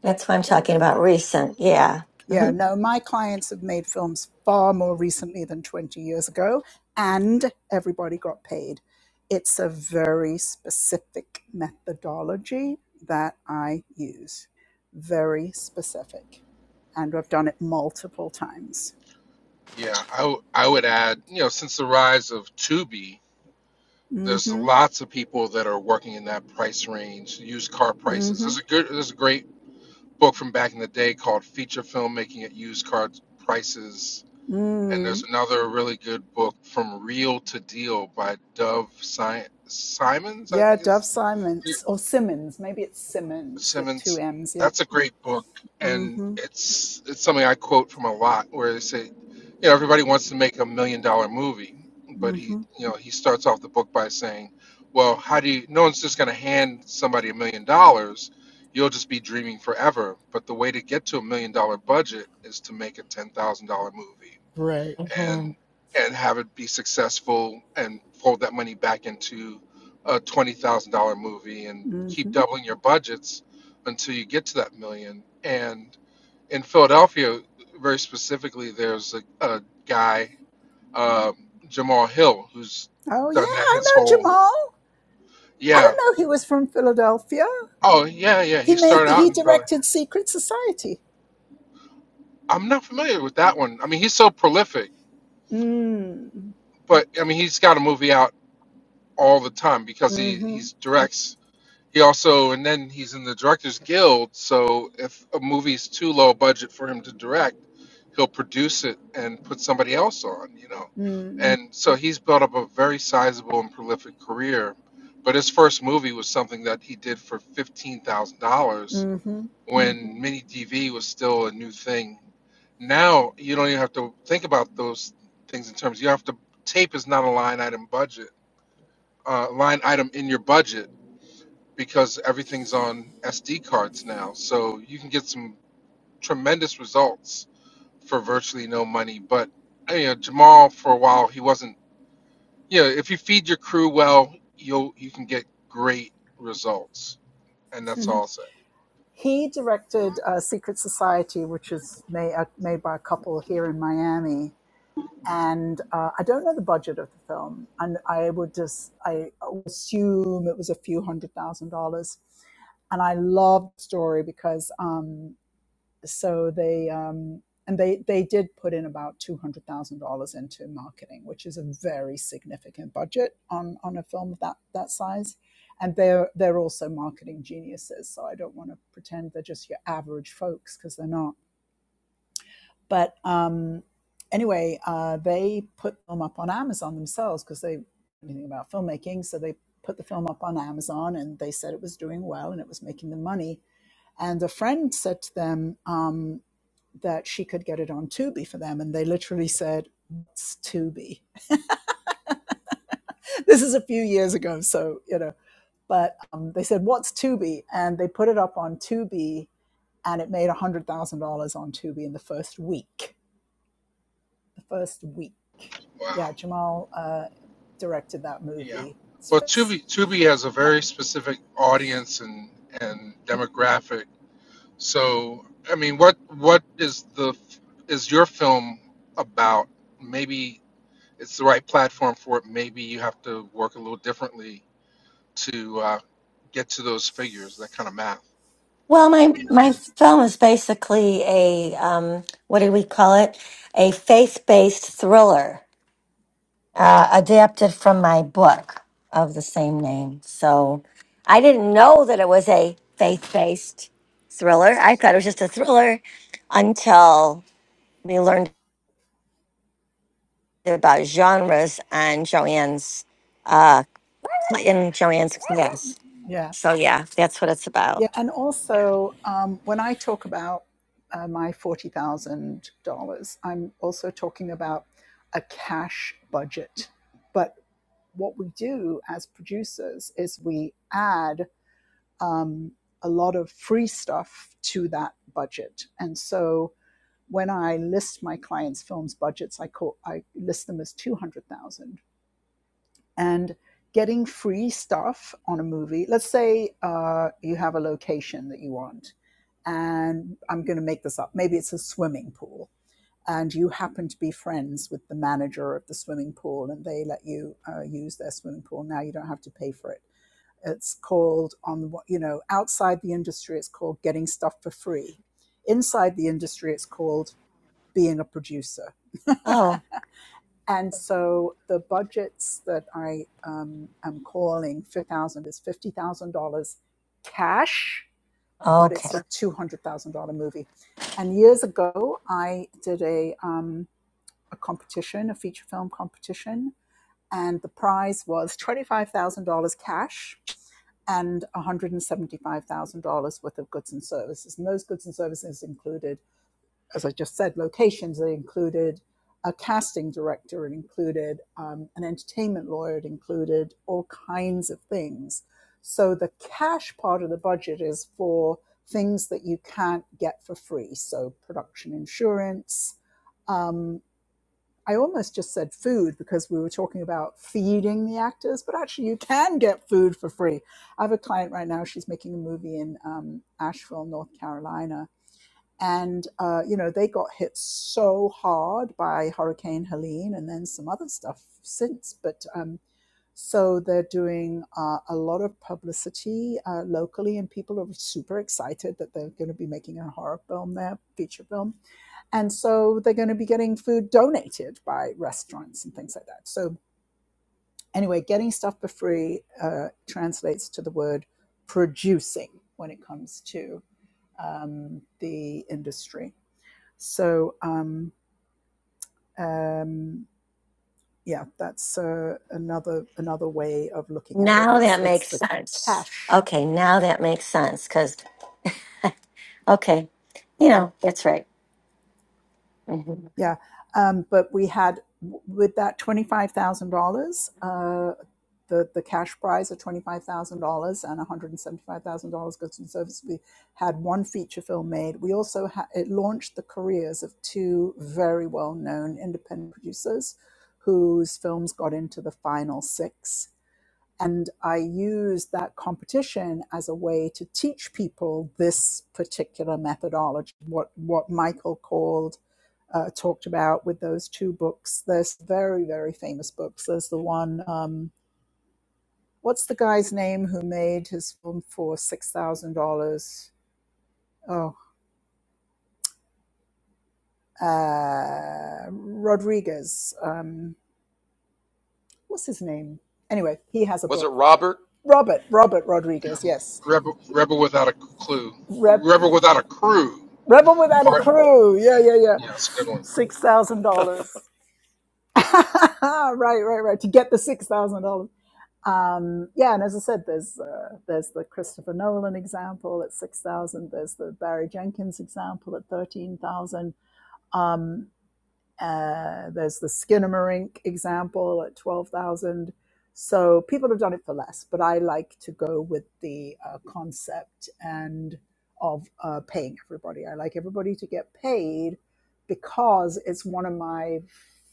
that's what I'm talking about. Recent. Yeah.
Yeah,
hmm
no, my clients have made films far more recently than 20 years ago, and everybody got paid. It's a very specific methodology that I use, very specific. And I've done it multiple times.
Yeah, I, w- I would add, you know, since the rise of Tubi,
Mm
there's
hmm,
lots of people that are working in that price range, used car
mm
prices.
hmm,
There's a good, there's a great book from back in the day called Feature Filmmaking at Used Car Prices, and there's
mm.
another really good book from Real to Deal by Dove si- Simons, I
Yeah,
think
Dove
is.
Simons, or Simmons, maybe it's Simmons with two
Simmons.
M's, yeah.
That's a great book,
Mm
and
hmm,
it's it's something I quote from a lot, where they say, you know, everybody wants to make a million dollar movie, but
mm
he,
hmm.
you know, he starts off the book by saying, well, how do you? No one's just going to hand somebody a million dollars. You'll just be dreaming forever. But the way to get to a million dollar budget is to make a ten thousand dollar movie
Right.
and
hmm
and have it be successful and fold that money back into a twenty thousand dollar movie and
Mm
keep
hmm.
doubling your budgets until you get to that million. And in Philadelphia, very specifically, there's a, a guy um, Jamal Hill who's
Oh, yeah,
done that
I
his
know
whole
Jamal. I
yeah
don't know. He was from Philadelphia.
oh yeah yeah he
He made
started out
he
in Philly.
directed Secret Society.
I'm not familiar with that one. I mean, he's so prolific,
Mm.
but I mean, he's got a movie out all the time because he
Mm-hmm.
he's directs He also, and then he's in the Directors Guild. So if a movie's too low budget for him to direct, he'll produce it and put somebody else on, you know.
Mm.
And so he's built up a very sizable and prolific career. But his first movie was something that he did for $15,000
Mm-hmm.
when
Mm-hmm.
mini DV was still a new thing. Now you don't even have to think about those things in terms. You have to tape is not a line item budget, uh, line item in your budget because everything's on SD cards now. So you can get some tremendous results for virtually no money. But you know, Jamal for a while he wasn't. You know, if you feed your crew well, you'll you can get great results. And that's all I'll say.
he directed uh, Secret Society, which is made, uh, made by a couple here in Miami. And uh, I don't know the budget of the film, and I would just I assume it was a few hundred thousand dollars. And I love the story because um, so they um, and they they did put in about two hundred thousand dollars into marketing, which is a very significant budget on on a film that that size. And they're they're also marketing geniuses, so I don't want to pretend they're just your average folks because they're not. But um, anyway, uh, they put them up on Amazon themselves because they didn't know anything about filmmaking, so they put the film up on Amazon, and they said it was doing well and it was making them money. And a friend said to them, um, that she could get it on Tubi for them. And they literally said, What's Tubi? This is a few years ago. So, you know, but um, they said, What's Tubi? And they put it up on Tubi and it made $100,000 on Tubi in the first week. The first week.
Wow.
Yeah, Jamal uh, directed that
Yeah.
movie. It's,
Well, Tubi Tubi has a
uh,
very specific audience and and
mm,
demographic. So I mean, what what is the is your film about? Maybe it's the right platform for it. Maybe you have to work a little differently to uh, get to those figures, that kind of math.
Well, my my film is basically a um, what do we call it? A faith based thriller. uh, adapted from my book of the same name. So I didn't know that it was a faith based thriller. I thought it was just a thriller until we learned about genres on Joanne's uh, in Joanne's class.
yeah,
So yeah, that's what it's about.
Yeah, and also um, when I talk about uh, my forty thousand dollars, I'm also talking about a cash budget. But what we do as producers is we add um, a lot of free stuff to that budget, and so when I list my clients' films budgets, I call I list them as two hundred thousand and getting free stuff on a movie. Let's say uh, you have a location that you want, and I'm going to make this up. Maybe it's a swimming pool, and you happen to be friends with the manager of the swimming pool, and they let you uh, use their swimming pool. Now you don't have to pay for it. It's called on you know outside the industry, it's called getting stuff for free. Inside the industry, it's called being a producer
Oh,
and so the budgets that I um, am calling 5000 is $50,000 cash, but
okay.
it's a $200,000 movie. And years ago, I did a, um, a competition, a feature film competition, and the prize was $25,000 cash and $175,000 worth of goods and services. And those goods and services included as I just said, locations. It included a casting director, it included um, an entertainment lawyer, it included all kinds of things. So the cash part of the budget is for things that you can't get for free. So production insurance. Um, I almost just said food because we were talking about feeding the actors, but actually you can get food for free. I have a client right now, she's making a movie in um, Asheville, North Carolina and uh, you know they got hit so hard by Hurricane Helene and then some other stuff since. But um, so they're doing uh, a lot of publicity uh, locally, and people are super excited that they're going to be making a horror film there, feature film, and so they're going to be getting food donated by restaurants and things like that. So anyway, getting stuff for free uh, translates to the word producing when it comes to um, the industry so um, um, yeah, that's uh, another another way of looking at it.
Now
It's
that
it's
makes
the
sense.
cash.
Okay, now that makes sense because okay, you know that's right. hmm
Yeah, um, but we had with that twenty five thousand uh, dollars, uh, the the cash prize of twenty five thousand dollars and one hundred and seventy five thousand dollars goods and services. We had one feature film made. We also ha- it launched the careers of two very well known independent producers, whose films got into the final six And I use that competition as a way to teach people this particular methodology, what, what Michael called, uh, talked about with those two books. There's very, very famous books. There's the one, um, what's the guy's name who made his film for $6,000? Oh, uh, Rodriguez. Um, what's his name? Anyway, he has a
Was it
book.
Robert?
Robert, Robert Rodriguez, yes.
Rebel, rebel without a clue,
Re-
rebel without a crew.
Rebel Without a
Part,
Crew. Yeah, yeah, yeah.
yeah, that's a good one.
Six thousand dollars. Right, right, right. To get the six thousand dollars. Um, yeah, and as I said, there's uh, there's the Christopher Nolan example at six thousand. There's the Barry Jenkins example at thirteen thousand. Um, uh, there's the Skinnamarink example at 12,000. So people have done it for less, but I like to go with the uh, concept and of uh, paying everybody. I like everybody to get paid because it's one of my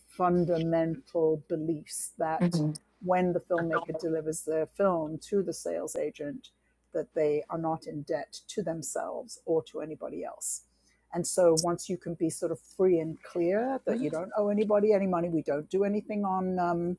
fundamental beliefs that
hmm
when the filmmaker delivers their film to the sales agent, that they are not in debt to themselves or to anybody else and so once you can be sort of free and clear that you don't owe anybody any money, we don't do anything on um,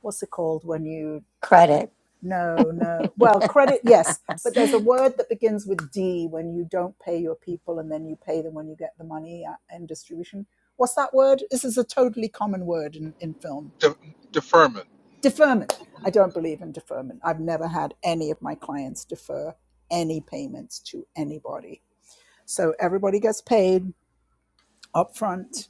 what's it called when you when
Credit.
no no well credit yes, but there's a word that begins with D when you don't pay your people and then you pay them when you get the money uh, in distribution. What's that word? This is a totally common word in, in film.
De- deferment.
Deferment. I don't believe in deferment. I've never had any of my clients defer any payments to anybody. So everybody gets paid upfront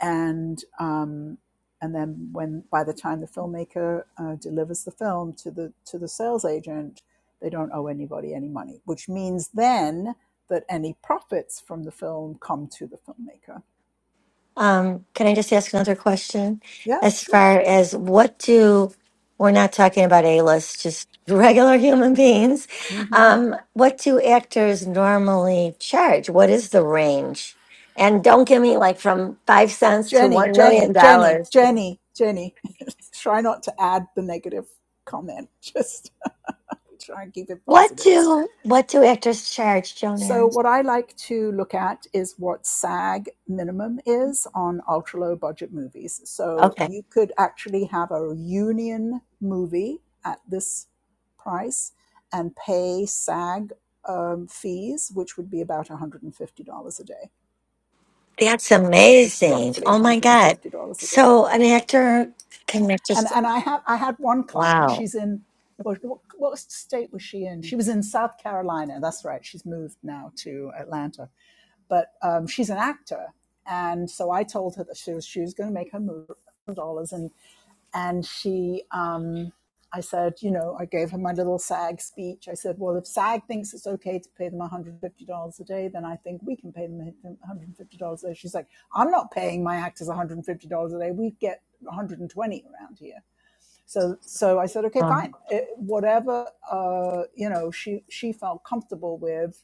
and um, and then when by the time the filmmaker uh, delivers the film to the to the sales agent, they don't owe anybody any money, which means then that any profits from the film come to the filmmaker.
Um, can I just ask another question?
Yeah,
As
sure.
far as what do, we're not talking about A-list, just regular human beings.
hmm
Um, what do actors normally charge? What is the range? And don't give me like from five cents to
Jenny,
one million
Jenny, Jenny,
dollars.
Jenny, Jenny. try not to add the negative comment. Just try and keep it
What
positive.
do what do actors charge,
So,
Joanne?
what I like to look at is what SAG minimum is on ultra low budget movies. So,
Okay,
you could actually have a union movie at this price and pay SAG um, fees, which would be about $150 a day.
that's
It's
amazing.
roughly
Oh my God!
$150 a day.
So an actor can make
And,
just
and I, have, I had one client,
wow.
she's in, what, what what state was she in? She was in South Carolina. That's right. She's moved now to Atlanta but um, she's an actor. And so I told her that she was, she was going to make her move dollars. And, and she, um, I said, you know, I gave her my little SAG speech. I said, well, if SAG thinks it's okay to pay them $150 a day, then I think we can pay them $150 a day. She's like, I'm not paying my actors $150 a day. We get 120 around here. So, so I said, okay,
Oh,
fine. It, whatever, uh, you know, she, she felt comfortable with,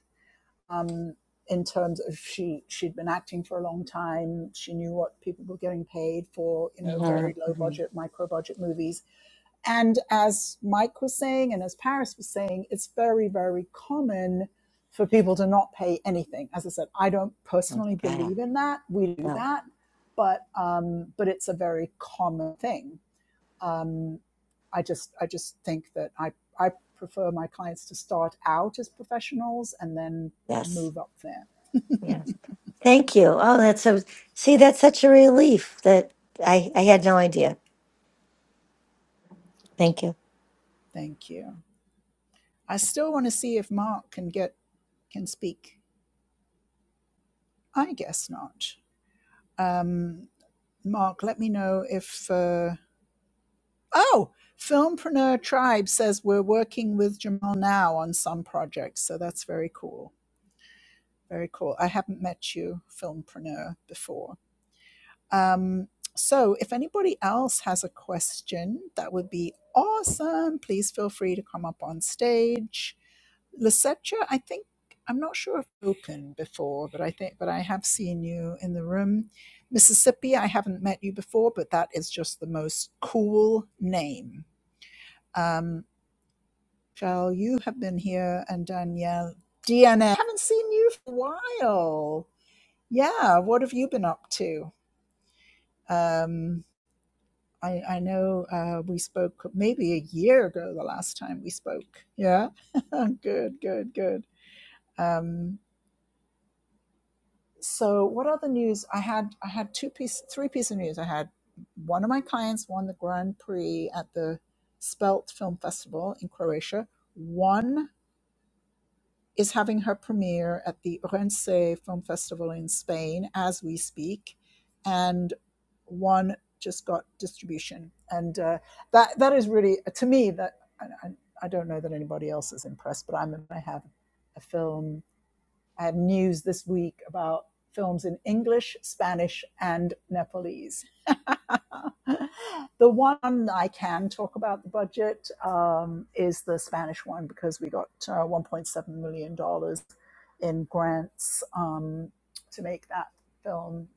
um, in terms of she she'd been acting for a long time. She knew what people were getting paid for, you know,
mhm,
very low
mhm.
budget, micro budget movies. And as Mike was saying, and as Paris was saying, it's very very common for people to not pay anything. As I said, I don't
Oh,
personally
God.
believe in that. We do
Well,
that, but um, but it's a very common thing. Um, I just I just think that I I prefer my clients to start out as professionals and then
yes,
move up there.
yes. Thank you. Oh, that's so. See, that's such a relief that I I had no idea. Thank you.
Thank you. I still want to see if Mark can get can speak. I guess not. Um, Mark, let me know if. Uh, oh, Filmpreneur Tribe says we're working with Jamal now on some projects, so that's very cool. Very cool. I haven't met you, Filmpreneur, before Um, so, if anybody else has a question, that would be awesome. Please feel free to come up on stage. Lisetta, I think I'm not sure if you've spoken before, but I think, but I have seen you in the room. Mississippi, I haven't met you before, but that is just the most cool name. Um, Shell, you have been here, and Danielle, DNA, haven't seen you for a while. Yeah, what have you been up to? Um, I, I know uh, we spoke maybe a year ago the last time we spoke. Yeah, good, good, good. Um, so, what other news? I had I had two piece, three piece of news. I had one of my clients won the Grand Prix at the Spelt Film Festival in Croatia. One is having her premiere at the Orense Film Festival in Spain as we speak, and one just got distribution, and uh, that that is really to me that I, I I don't know that anybody else is impressed, but I'm I have a film I have news this week about films in English, Spanish, and Nepalese. the one I can talk about the budget um, is the Spanish one because we got uh, $1.7 million dollars in grants um, to make that film,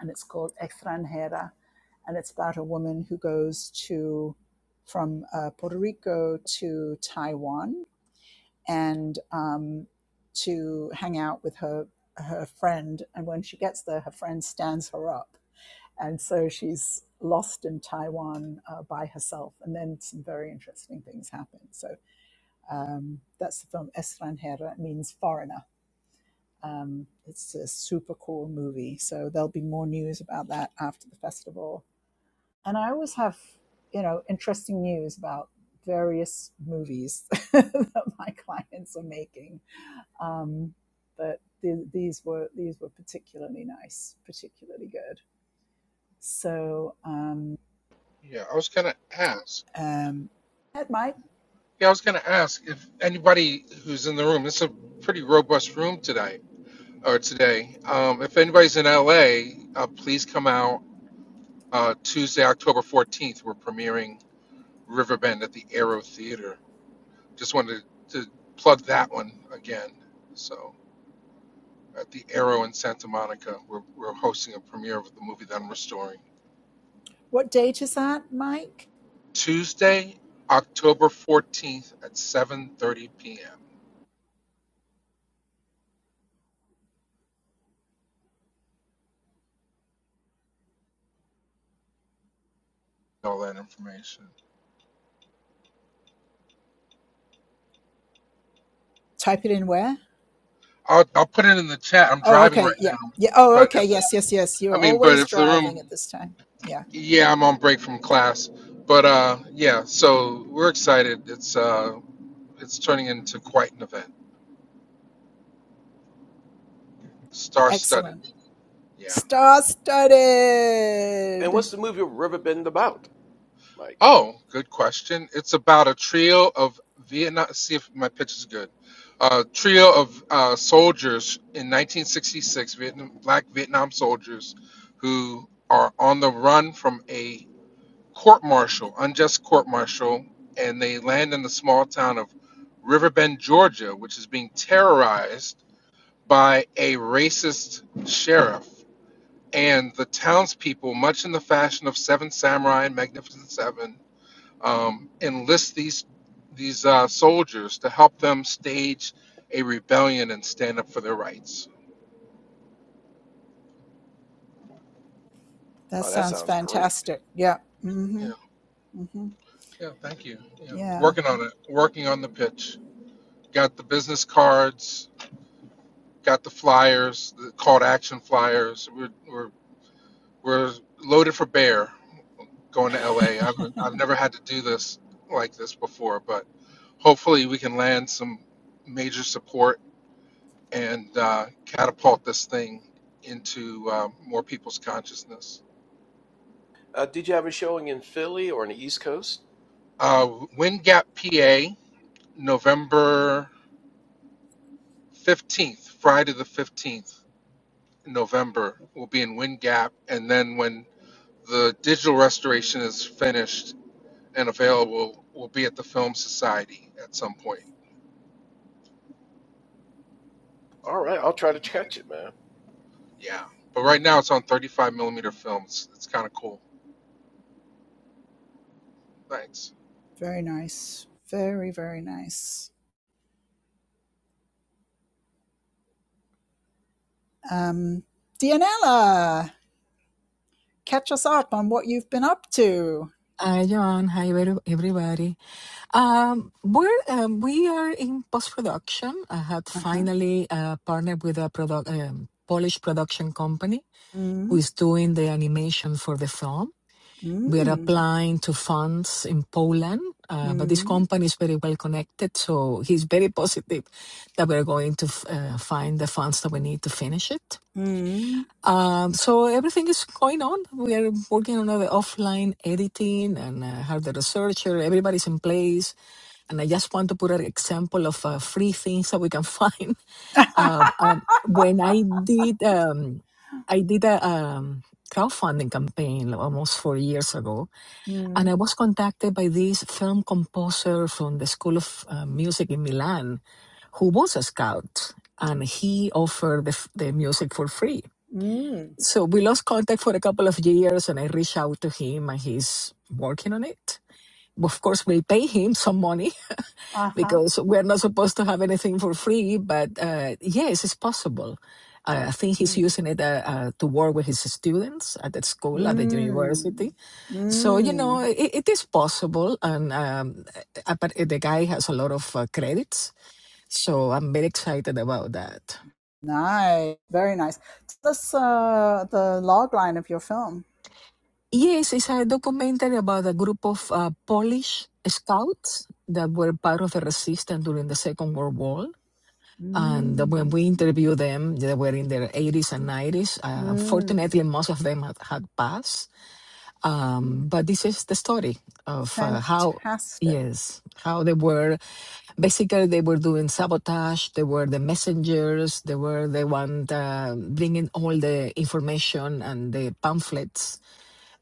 and it's called Extranjera, and it's about a woman who goes to from uh, Puerto Rico to Taiwan and um, to hang out with her her friend. And when she gets there, her friend stands her up, and so she's lost in Taiwan uh, by herself. And then some very interesting things happen. So um, that's the film Estranjera it means foreigner. Um, it's a super cool movie. So there'll be more news about that after the festival. And I always have, you know, interesting news about various movies that my clients are making um, but the, these were these were particularly nice, particularly good. So um,
Yeah, I was gonna ask.
um, Mike,
Yeah, I was gonna ask if anybody who's in the room. It's a pretty robust room today or today. Um, if anybody's in LA, uh, please come out uh, Tuesday, October fourteenth. We're premiering Riverbend at the Aero Theater Just wanted to plug that one again. So at the Arrow in Santa Monica, we're, we're hosting a premiere of the movie that I'm restoring.
what date is that, Mike?
Tuesday, October 14th at 7.30 p.m. All that information.
Type it in where?
I'll, I'll put it in the chat. I'm
Oh,
driving right
okay, yeah,
now.
yeah. Oh,
But
okay,
if,
yes, yes, yes.
I
You're
mean, but
always
if the
driving
room,
at this time. Yeah,
yeah, I'm on break from class. But uh, yeah, so we're excited. It's, uh, it's turning into quite an event. Star-studded.
excellent.
Yeah.
And what's
Star-studded.
the movie Riverbend about, Mike?
Oh, good question. It's about a trio of Vietnam. See if my pitch is good. A trio of uh, soldiers in 1966, Vietnam, black Vietnam soldiers, who are on the run from a court martial, unjust court martial, and they land in the small town of Riverbend, Georgia, which is being terrorized by a racist sheriff. And the townspeople, much in the fashion of Seven Samurai and Magnificent Seven, um, enlist these these uh, soldiers to help them stage a rebellion and stand up for their rights.
That
Oh, that
sounds
sounds great.
fantastic. Yeah.
Yeah,
Mm-hmm. Mm-hmm.
yeah. Thank you. Yeah,
Yeah.
working on it. Working on the pitch. Got the business cards. Got the flyers. The call to action flyers. We're we're we're loaded for bear going to L. have I've I've never had to do this like this before, but hopefully we can land some major support and uh, catapult this thing into uh, more people's consciousness.
Uh, did you have a showing in Philly or in the East Coast?
Uh, Wind Gap, PA, November 15th, Friday the 15th, November, will be in Wind Gap. And then when the digital restoration is finished and available, we'll be at the Film Society at some point.
All right, I'll try to catch it, man.
Yeah. But right now it's on 35 millimeter films. It's kind of cool. Thanks.
Very nice. Very, very nice. Um, Dianella. catch us up on what you've been up to.
Hi, John. Hi, every- everybody. Um, we're um, we are in post production. I had
Uh-huh.
finally uh, partnered with a product um, Polish production company who
Mm,
is doing the animation for the film. We are
mm,
applying to funds in Poland, uh, but this
mm,
company is very well connected, so he's very positive that we're going to f- uh, find the funds that we need to finish it.
mm.
Um, so everything is going on. We are working on the offline editing and uh, have the researcher. Everybody's in place. And I just want to put an example of uh, free things that we can find. Uh, um, when I did, um, I did a um, crowdfunding campaign almost four years ago, and
mm,
I was contacted by this film composer from the School of uh, Music in Milan, who was a scout, and he offered the, f- the music for free
mm.
so we lost contact for a couple of years, and I reached out to him, and he's working on it. Of course, we pay him some money
Uh-huh.
because we're not supposed to have anything for free, but uh, yes, it's possible. Uh, I think he's
Mm,
using it uh, uh, to work with his students at the school, at the
mm,
university. So, you
mm.
know, it, it is possible. And um, uh, but the guy has a lot of uh, credits. So I'm very excited about that.
Nice. Very nice. Tell us uh, the log line of your film.
Yes, it's a documentary about a group of uh, Polish scouts that were part of the resistance during the Second World War. And when we
Mm,
interviewed them, they were in their 80s and 90s. Uh,
mm.
unfortunately, most of them had, had passed. Um, but this is the story of uh, how,
Fantastic.
yes, how they were. Basically, they were doing sabotage. They were the messengers. They were the one uh, bringing all the information and the pamphlets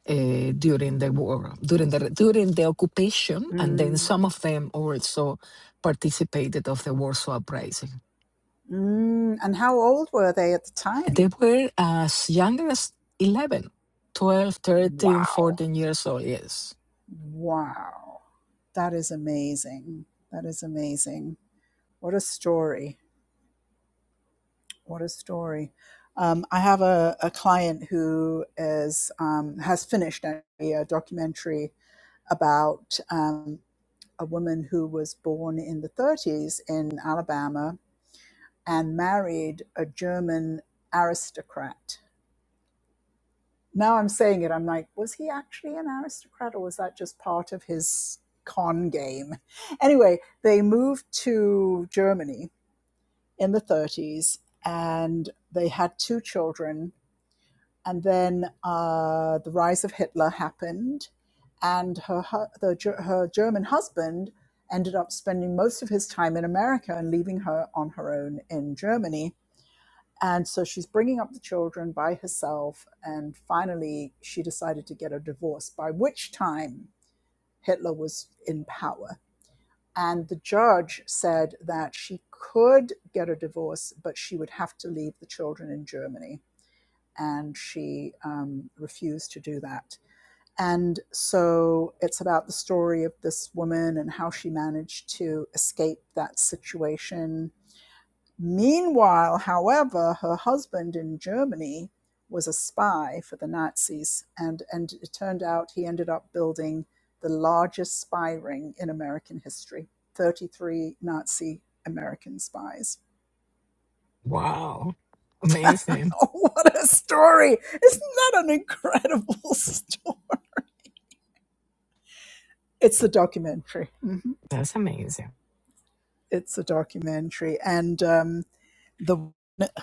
uh, during the war, during the during the occupation, and then
Mm,
some of them also participated of the Warsaw Uprising.
mm. And how old were they at the
They
time?
were as young as 11, 12, thirteen,
Wow.
14 years old, yes.
Wow. That is amazing. That is amazing. What a story. What a story. Um, I have a, a client who is um, has finished a, a documentary about um, a woman who was born in the 30s in Alabama and married a German aristocrat. Now I'm saying it, I'm like, was he actually an aristocrat or was that just part of his con game? Anyway, they moved to Germany in the 30s, and they had two children. And then uh, the rise of Hitler happened, and her, the, her German husband ended up spending most of his time in America and leaving her on her own in Germany. And so she's bringing up the children by herself. And finally, she decided to get a divorce, by which time Hitler was in power. And the judge said that she could get a divorce, but she would have to leave the children in Germany. And she um, refused to do that. And so it's about the story of this woman and how she managed to escape that situation Meanwhile, however, her husband in Germany was a spy for the Nazis, and, and it turned out he ended up building the largest spy ring in American history 33 Nazi American spies.
Wow, amazing.
Oh, what a story! Isn't that an incredible story? It's a documentary. Mhm.
That's amazing.
It's a documentary. And um, the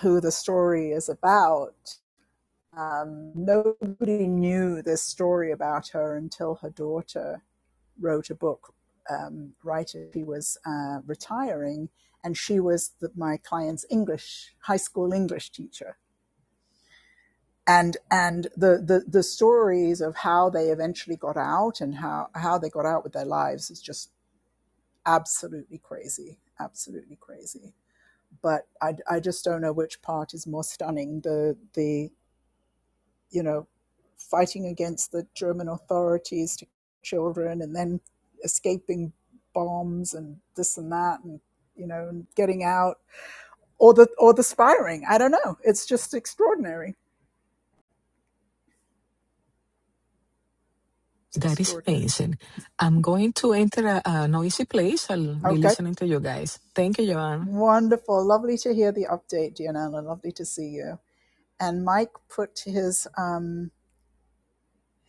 who the story is about Um, nobody knew this story about her until her daughter wrote a book um, right as she was uh, retiring, and she was the, my client's English high school English teacher. And and the, the the stories of how they eventually got out and how how they got out with their lives is just absolutely crazy, absolutely crazy. But I, I just don't know which part is more stunning the the you know, fighting against the German authorities to children and then escaping bombs and this and that and you know and getting out or the or the spying. I don't know it's just extraordinary it's
That is
extraordinary
amazing. I'm going to enter a, a noisy place. I'll be
okay
listening to you guys. Thank you, Joanne.
wonderful lovely to hear the update Diana lovely to see you and Mike put his um,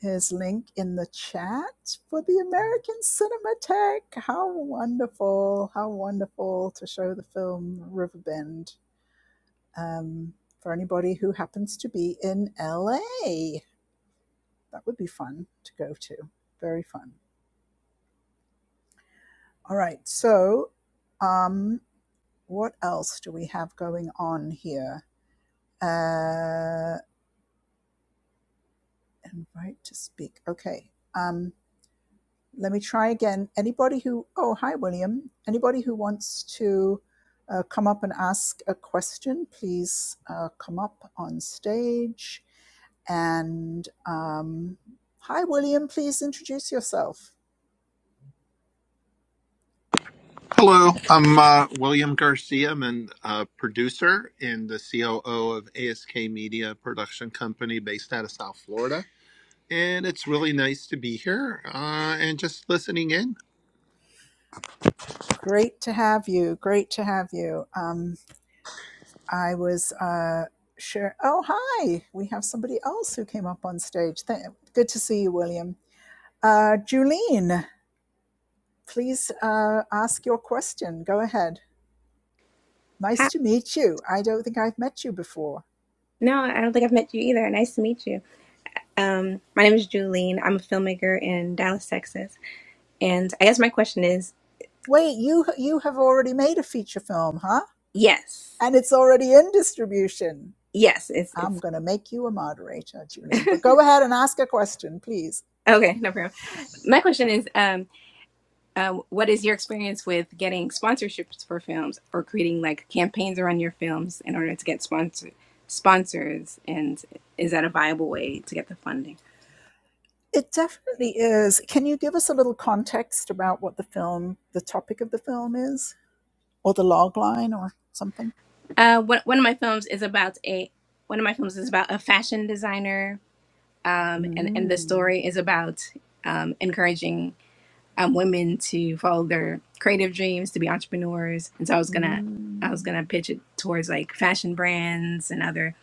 His link in the chat for the American Cinematheque. How wonderful! How wonderful to show the film Riverbend um, for anybody who happens to be in LA. That would be fun to go to. Very fun. All right. So, um, what else do we have going on here? Uh, invite to speak. Okay. Um. let me try again. Anybody who, oh, hi, William. Anybody who wants to uh, come up and ask a question, please uh, come up on stage. And um, hi, William, please introduce yourself.
Hello, I'm uh, William Garcia. I'm a uh, producer and the COO of ASK Media a Production Company based out of South Florida. And it's really nice to be here uh, and just listening in.
Great to have you. Great to have you. Um, I was uh, sure. Oh, hi. We have somebody else who came up on stage. Th- good to see you, William. Uh, Julene, please uh, ask your question. Go ahead. Nice
Hi.
to meet you. I don't think I've met you before.
No, I don't think I've met you either. Nice to meet you. Um, my name is Julene. I'm a filmmaker in Dallas, Texas. And I guess my question is,
Wait, you you have already made a feature film, huh?
yes,
And it's already in distribution.
yes, it's it's
I'm going to make you a moderator, Julian. But go ahead and ask a question, please.
okay, no problem. My question is, um, uh, what is your experience with getting sponsorships for films or creating like campaigns around your films in order to get sponsor sponsors? And is that a viable way to get the funding?
It definitely is. Can you give us a little context about what the film, the topic of the film is, or the log line or something?
Uh, one one of my films is about a one of my films is about a fashion designer um, and and the
Mm,
story is about um, encouraging um, women to follow their creative dreams, to be entrepreneurs. And so I was gonna I was
mm.
gonna pitch it towards like fashion brands and other,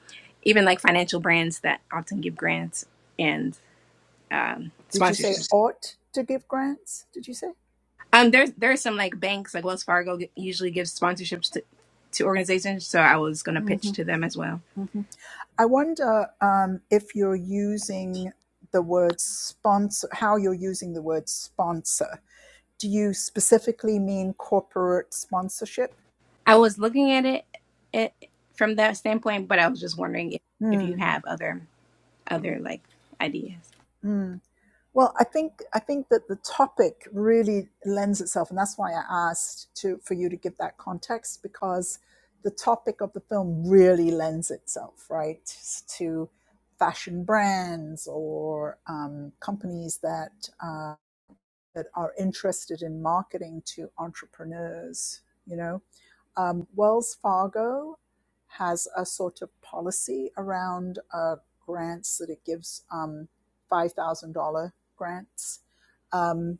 even like financial brands that often give grants and um,
Did you say
sponsorships.
ought to give grants? Did you say?
Um, there's there's some like banks like Wells Fargo g- usually gives sponsorships to to organizations, so I was gonna pitch
Mm-hmm.
to them as well.
Mm-hmm. I wonder um, if you're using the word sponsor, how you're using the word sponsor. Do you specifically mean corporate sponsorship?
I was looking at it, it from that standpoint, but I was just wondering if, if you
Hmm.
have other other like ideas.
hmm. Well, I think I think that the topic really lends itself, and that's why I asked to for you to give that context because the topic of the film really lends itself, right, to fashion brands or um, companies that uh, that are interested in marketing to entrepreneurs. You know, um, Wells Fargo has a sort of policy around uh, grants that it gives um, $5,000 grants. Um,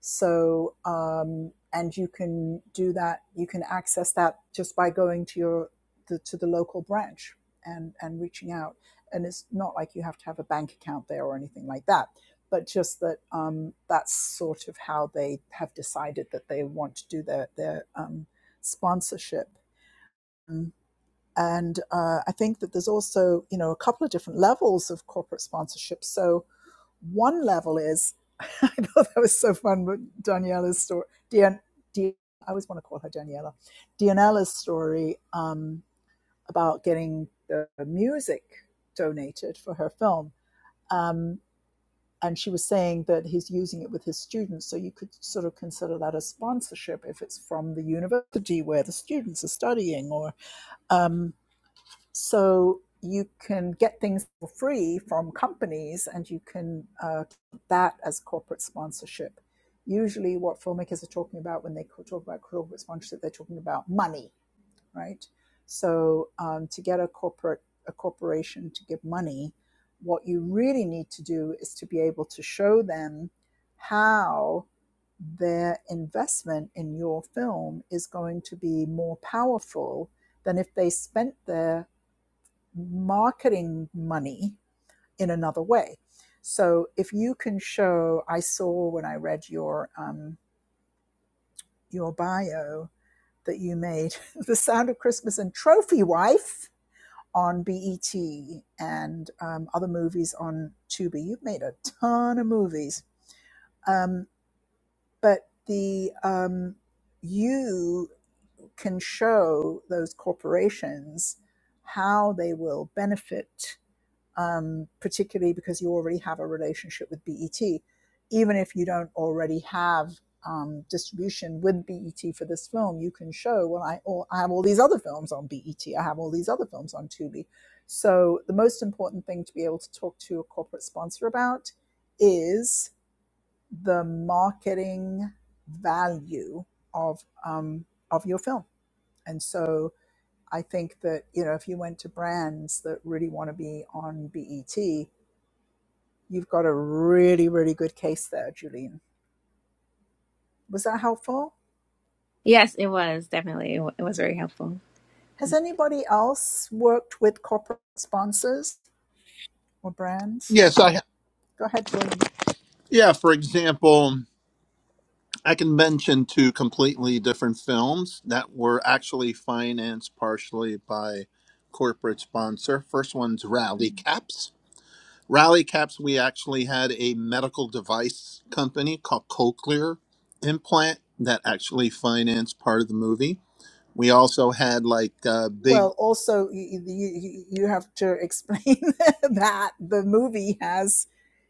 so, um, and you can do that. You can access that just by going to your the, to the local branch and and reaching out. And it's not like you have to have a bank account there or anything like that. But just that um, that's sort of how they have decided that they want to do their their um, sponsorship. Mm. And uh, I think that there's also you know a couple of different levels of corporate sponsorship. So one level is, I thought that was so fun with Daniela's story. Dan, Dan, I always want to call her Daniela. Daniela's story um, about getting the music donated for her film. Um, and she was saying that he's using it with his students. So you could sort of consider that a sponsorship if it's from the university where the students are studying or. Um, so you can get things for free from companies and you can uh, keep that as corporate sponsorship. Usually, what filmmakers are talking about when they talk about corporate sponsorship, they're talking about money, right? So um, to get a corporate a corporation to give money, what you really need to do is to be able to show them how their investment in your film is going to be more powerful than if they spent their marketing money in another way. So if you can show, I saw when I read your um, your bio that you made the Sound of Christmas and Trophy Wife on BET and um, other movies on Tubi. You've made a ton of movies, um, but the um, you can show those corporations how they will benefit um, particularly because you already have a relationship with BET. Even if you don't already have um, distribution with BET for this film, you can show, well, I, all, I have all these other films on BET, I have all these other films on Tubi. So the most important thing to be able to talk to a corporate sponsor about is the marketing value of um, of your film. And so I think that you know if you went to brands that really want to be on BET, You've got a really, really good case there, Julian. Was that helpful?
Yes, it was definitely. It was very helpful.
Has anybody else worked with corporate sponsors or brands?
Yes, I
Go ahead, William.
yeah. For example, I can mention two completely different films that were actually financed partially by corporate sponsor. First one's Rally Caps, Rally Caps, we actually had a medical device company called Cochlear Implant that actually financed part of the movie. We also had like uh, big,
Well, also, you, you, you have to explain that the movie has,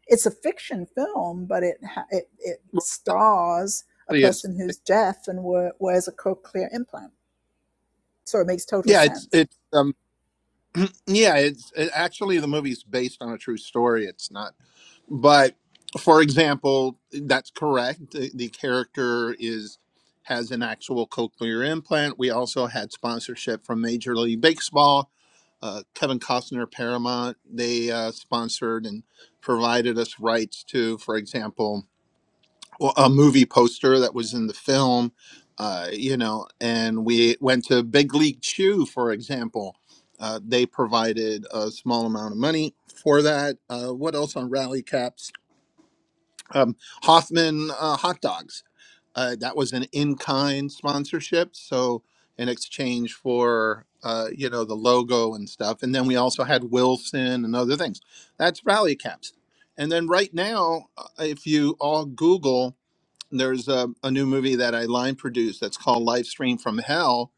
it's a fiction film, but it, it, it
well, it's not
stars a
really as
person who's deaf and wears a cochlear implant. So it makes total
yeah, it's
sense.
it's um yeah, it's it, actually the movie's based on a true story. It's not. but for example that's correct the, the character is has an actual cochlear implant we also had sponsorship from major league baseball uh, kevin costner paramount they uh, sponsored and provided us rights to for example well, a movie poster that was in the film uh, you know and we went to big league chew for example uh, they provided a small amount of money for that uh, what else on rally caps um, Hoffman uh, hot dogs. Uh, that was an in-kind sponsorship, so in exchange for uh, you know the logo and stuff. And then we also had Wilson and other things. That's rally caps. And then right now, uh, if you all Google there's a, a new movie that I line produced that's called Live Stream from Hell.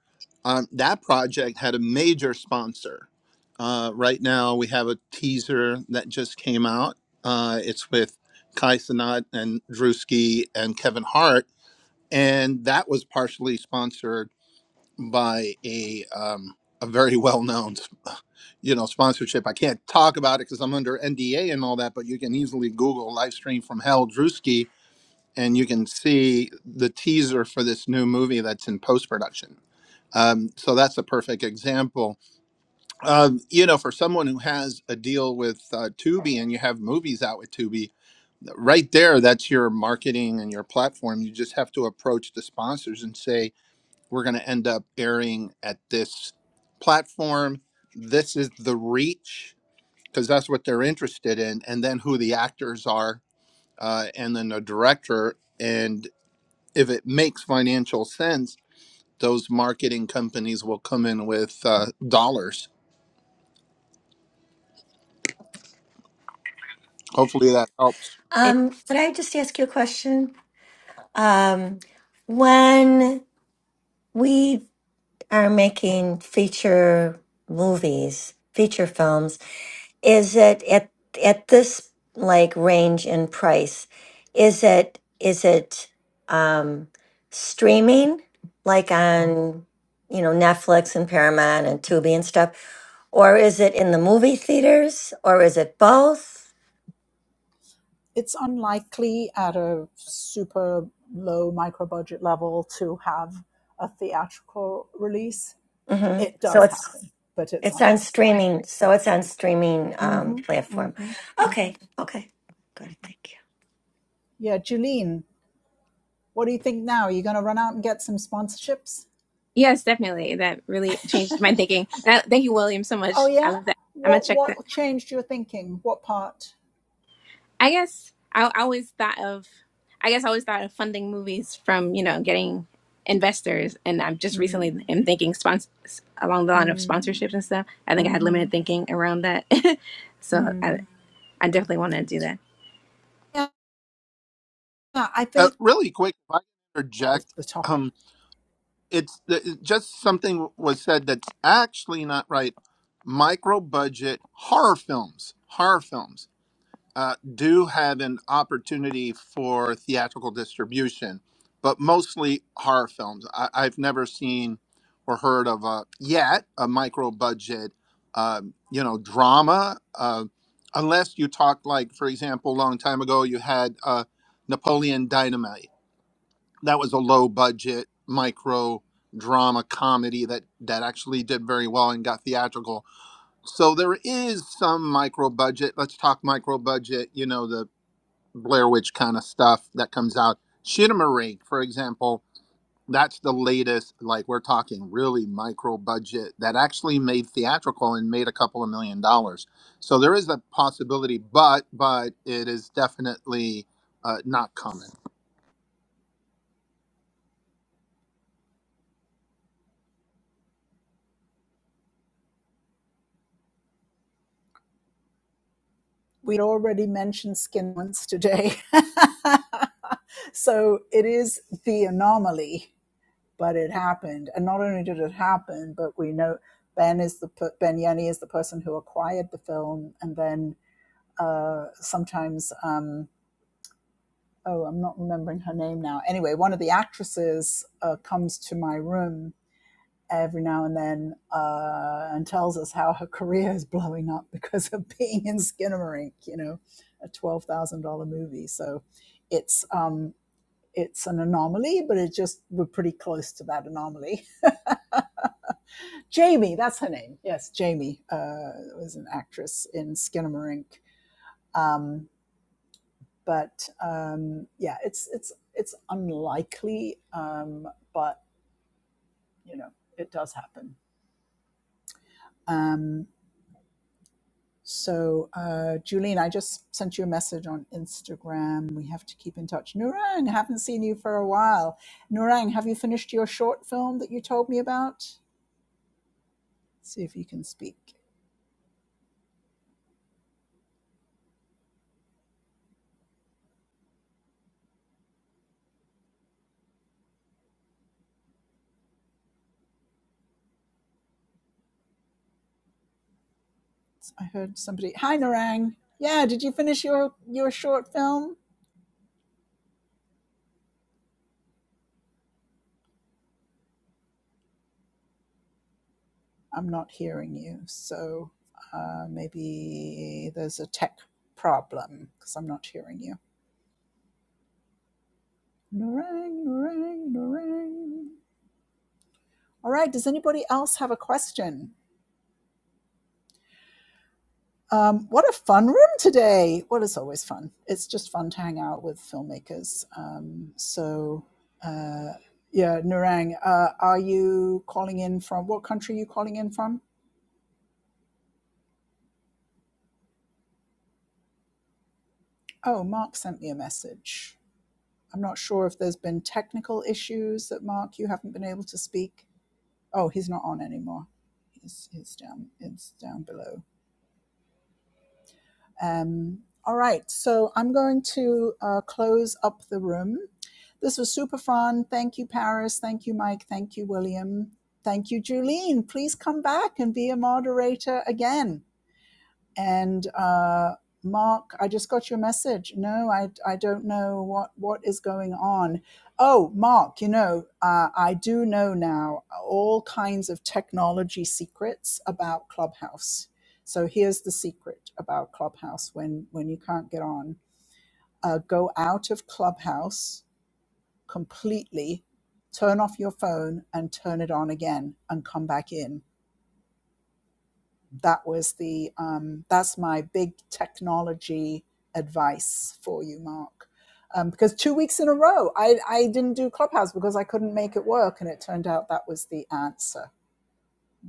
Um, that project had a major sponsor. Uh, right now, we have a teaser that just came out. Uh, it's with Kai Sanat and Drewski and Kevin Hart, and that was partially sponsored by a um, a very well known, you know, sponsorship. I can't talk about it because I'm under NDA and all that, but you can easily Google live stream from Hell Drewski and you can see the teaser for this new movie that's in post production. Um, so that's a perfect example. Um, you know, for someone who has a deal with uh, Tubi and you have movies out with Tubi, right there, that's your marketing and your platform. You just have to approach the sponsors and say, we're going to end up airing at this platform. This is the reach because that's what they're interested in, and then who the actors are, uh, and then the director and if it makes financial sense, those marketing companies will come in with uh, dollars. Hopefully that helps.
It,
Um, could I just ask you a question? Um, when we are making feature movies, feature films. Is it at at this like range in price? Is it is it um streaming like on you know Netflix and Paramount and Tubi and stuff, or is it in the movie theaters, or is it both?
It's unlikely at a super low micro budget level to have a theatrical release.
hmm
it
So
does
it's
happen, but it's
it's on
unlikely.
streaming. So it's on streaming um,
hmm hmm
platform.
hmm
Okay. Okay. Good. Thank you.
Yeah, Julene, what do you think now? Are you going to run out and get some sponsorships?
yes, definitely. That really changed my thinking. That, thank you, William, so
Oh
much. I
yeah.
love that. I'm gonna
What
check that.
what changed your thinking? What part?
I guess I, I always thought of. I guess I always thought of funding movies from you know getting investors, and I'm just
Mm,
recently am thinking spons- along the line of
mm,
sponsorships and stuff. I think I had
hmm
limited thinking around that, so I
mm.
I definitely want to do that.
Yeah, I
Uh,
think
really quick, if I can
of
interject,
the topic.
um, it's the, just something was said that's actually not right. Micro budget horror films, horror films. uh, do have an opportunity for theatrical distribution, but mostly horror films. I, I've never seen or heard of a, yet a micro budget, um, you know, drama, uh, unless you talk like, for example, a long time ago you had uh, Napoleon Dynamite. That was a low budget micro drama comedy that that actually did very well and got theatrical. So there is some micro budget. Let's talk micro budget. You know the Blair Witch kind of stuff that comes out. Shinema Rake, for example, that's the latest, like we're talking really micro budget that actually made theatrical and made a couple of million dollars. So there is a possibility, but but it is definitely uh, not common.
We'd already mentioned skin once today, so it is the anomaly but it happened. And not only did it happen, but we know Ben is the Ben Yenny is the person who acquired the film, and then uh, sometimes um, oh, I'm not remembering her name now. Anyway, one of the actresses uh, comes to my room every now and then uh, and tells us how her career is blowing up because of being in Skinnamarink, you know, a twelve thousand dollar movie. So it's um, it's an anomaly, but it just we're pretty close to that anomaly. Jamie, that's her name. Yes, Jamie uh, was an actress in Skinnamarink. Um, but um, yeah, it's it's it's unlikely, um, but you know it does happen. Um, so, uh, Julian, I just sent you a message on Instagram. We have to keep in touch. Nurang, haven't seen you for a while. Nurang, have you finished your short film that you told me about? See if you can speak. I heard somebody. Hi, Narang. Yeah, did you finish your your short film? I'm not hearing you. So uh, maybe there's a tech problem because I'm not hearing you. Narang, narang, narang. All right. Does anybody else have a question? Um, what a fun room today. Well, it's always fun. It's just fun to hang out with filmmakers. Um, so, uh, yeah, Narang, uh, are you calling in from what country are you calling in from? Oh, Mark sent me a message. I'm not sure if there's been technical issues that Mark, you haven't been able to speak. Oh, he's not on anymore. He's, he's down. It's down below. Um, all right. So I'm going to uh, close up the room. This was super fun. Thank you, Paris. Thank you, Mike. Thank you, William. Thank you, Julene. Please come back and be a moderator again. and uh, Mark, I just got your message. No, I, I don't know what, what is going on. Oh, Mark, you know, uh, I do know now all kinds of technology secrets about Clubhouse. So here's the secret about Clubhouse when, when you can't get on. Uh, go out of Clubhouse completely, turn off your phone and turn it on again and come back in that was the um, that's my big technology advice for you mark um, because two weeks in a row I, I didn't do clubhouse because i couldn't make it work and it turned out that was the answer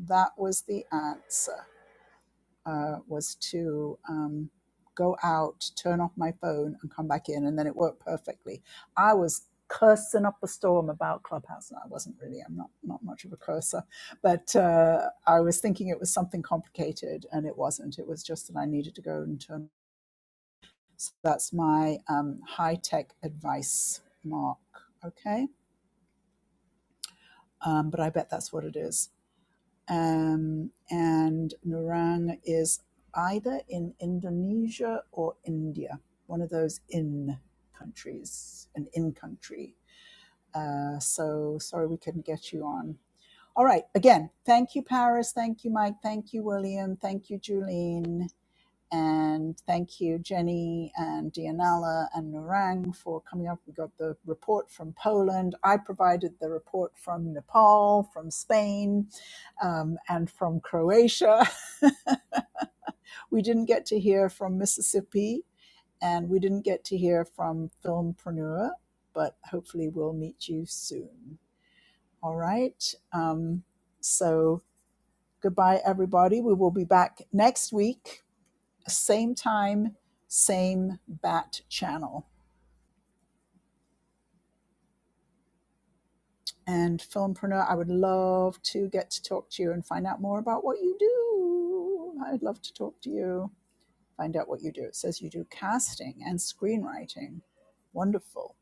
that was the answer uh, was to um, go out, turn off my phone, and come back in, and then it worked perfectly. I was cursing up a storm about Clubhouse, and I wasn't really. I'm not not much of a cursor, but uh, I was thinking it was something complicated, and it wasn't. It was just that I needed to go and turn. So that's my um, high tech advice, Mark. Okay, um, but I bet that's what it is. um, and Nurang is either in Indonesia or India, one of those in countries, an in country. Uh, so sorry we couldn't get you on. All right, again, thank you, Paris. Thank you, Mike. Thank you, William. Thank you, Julene. And thank you, Jenny and Dianella and Narang, for coming up. We got the report from Poland. I provided the report from Nepal, from Spain, um, and from Croatia. we didn't get to hear from Mississippi, and we didn't get to hear from Filmpreneur, but hopefully we'll meet you soon. All right. Um, so goodbye, everybody. We will be back next week same time, same bat channel. And Filmpreneur, I would love to get to talk to you and find out more about what you do. I'd love to talk to you, find out what you do. It says you do casting and screenwriting. Wonderful.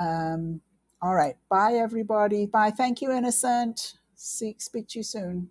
Um, all right. Bye, everybody. Bye. Thank you, Innocent. See, speak to you soon.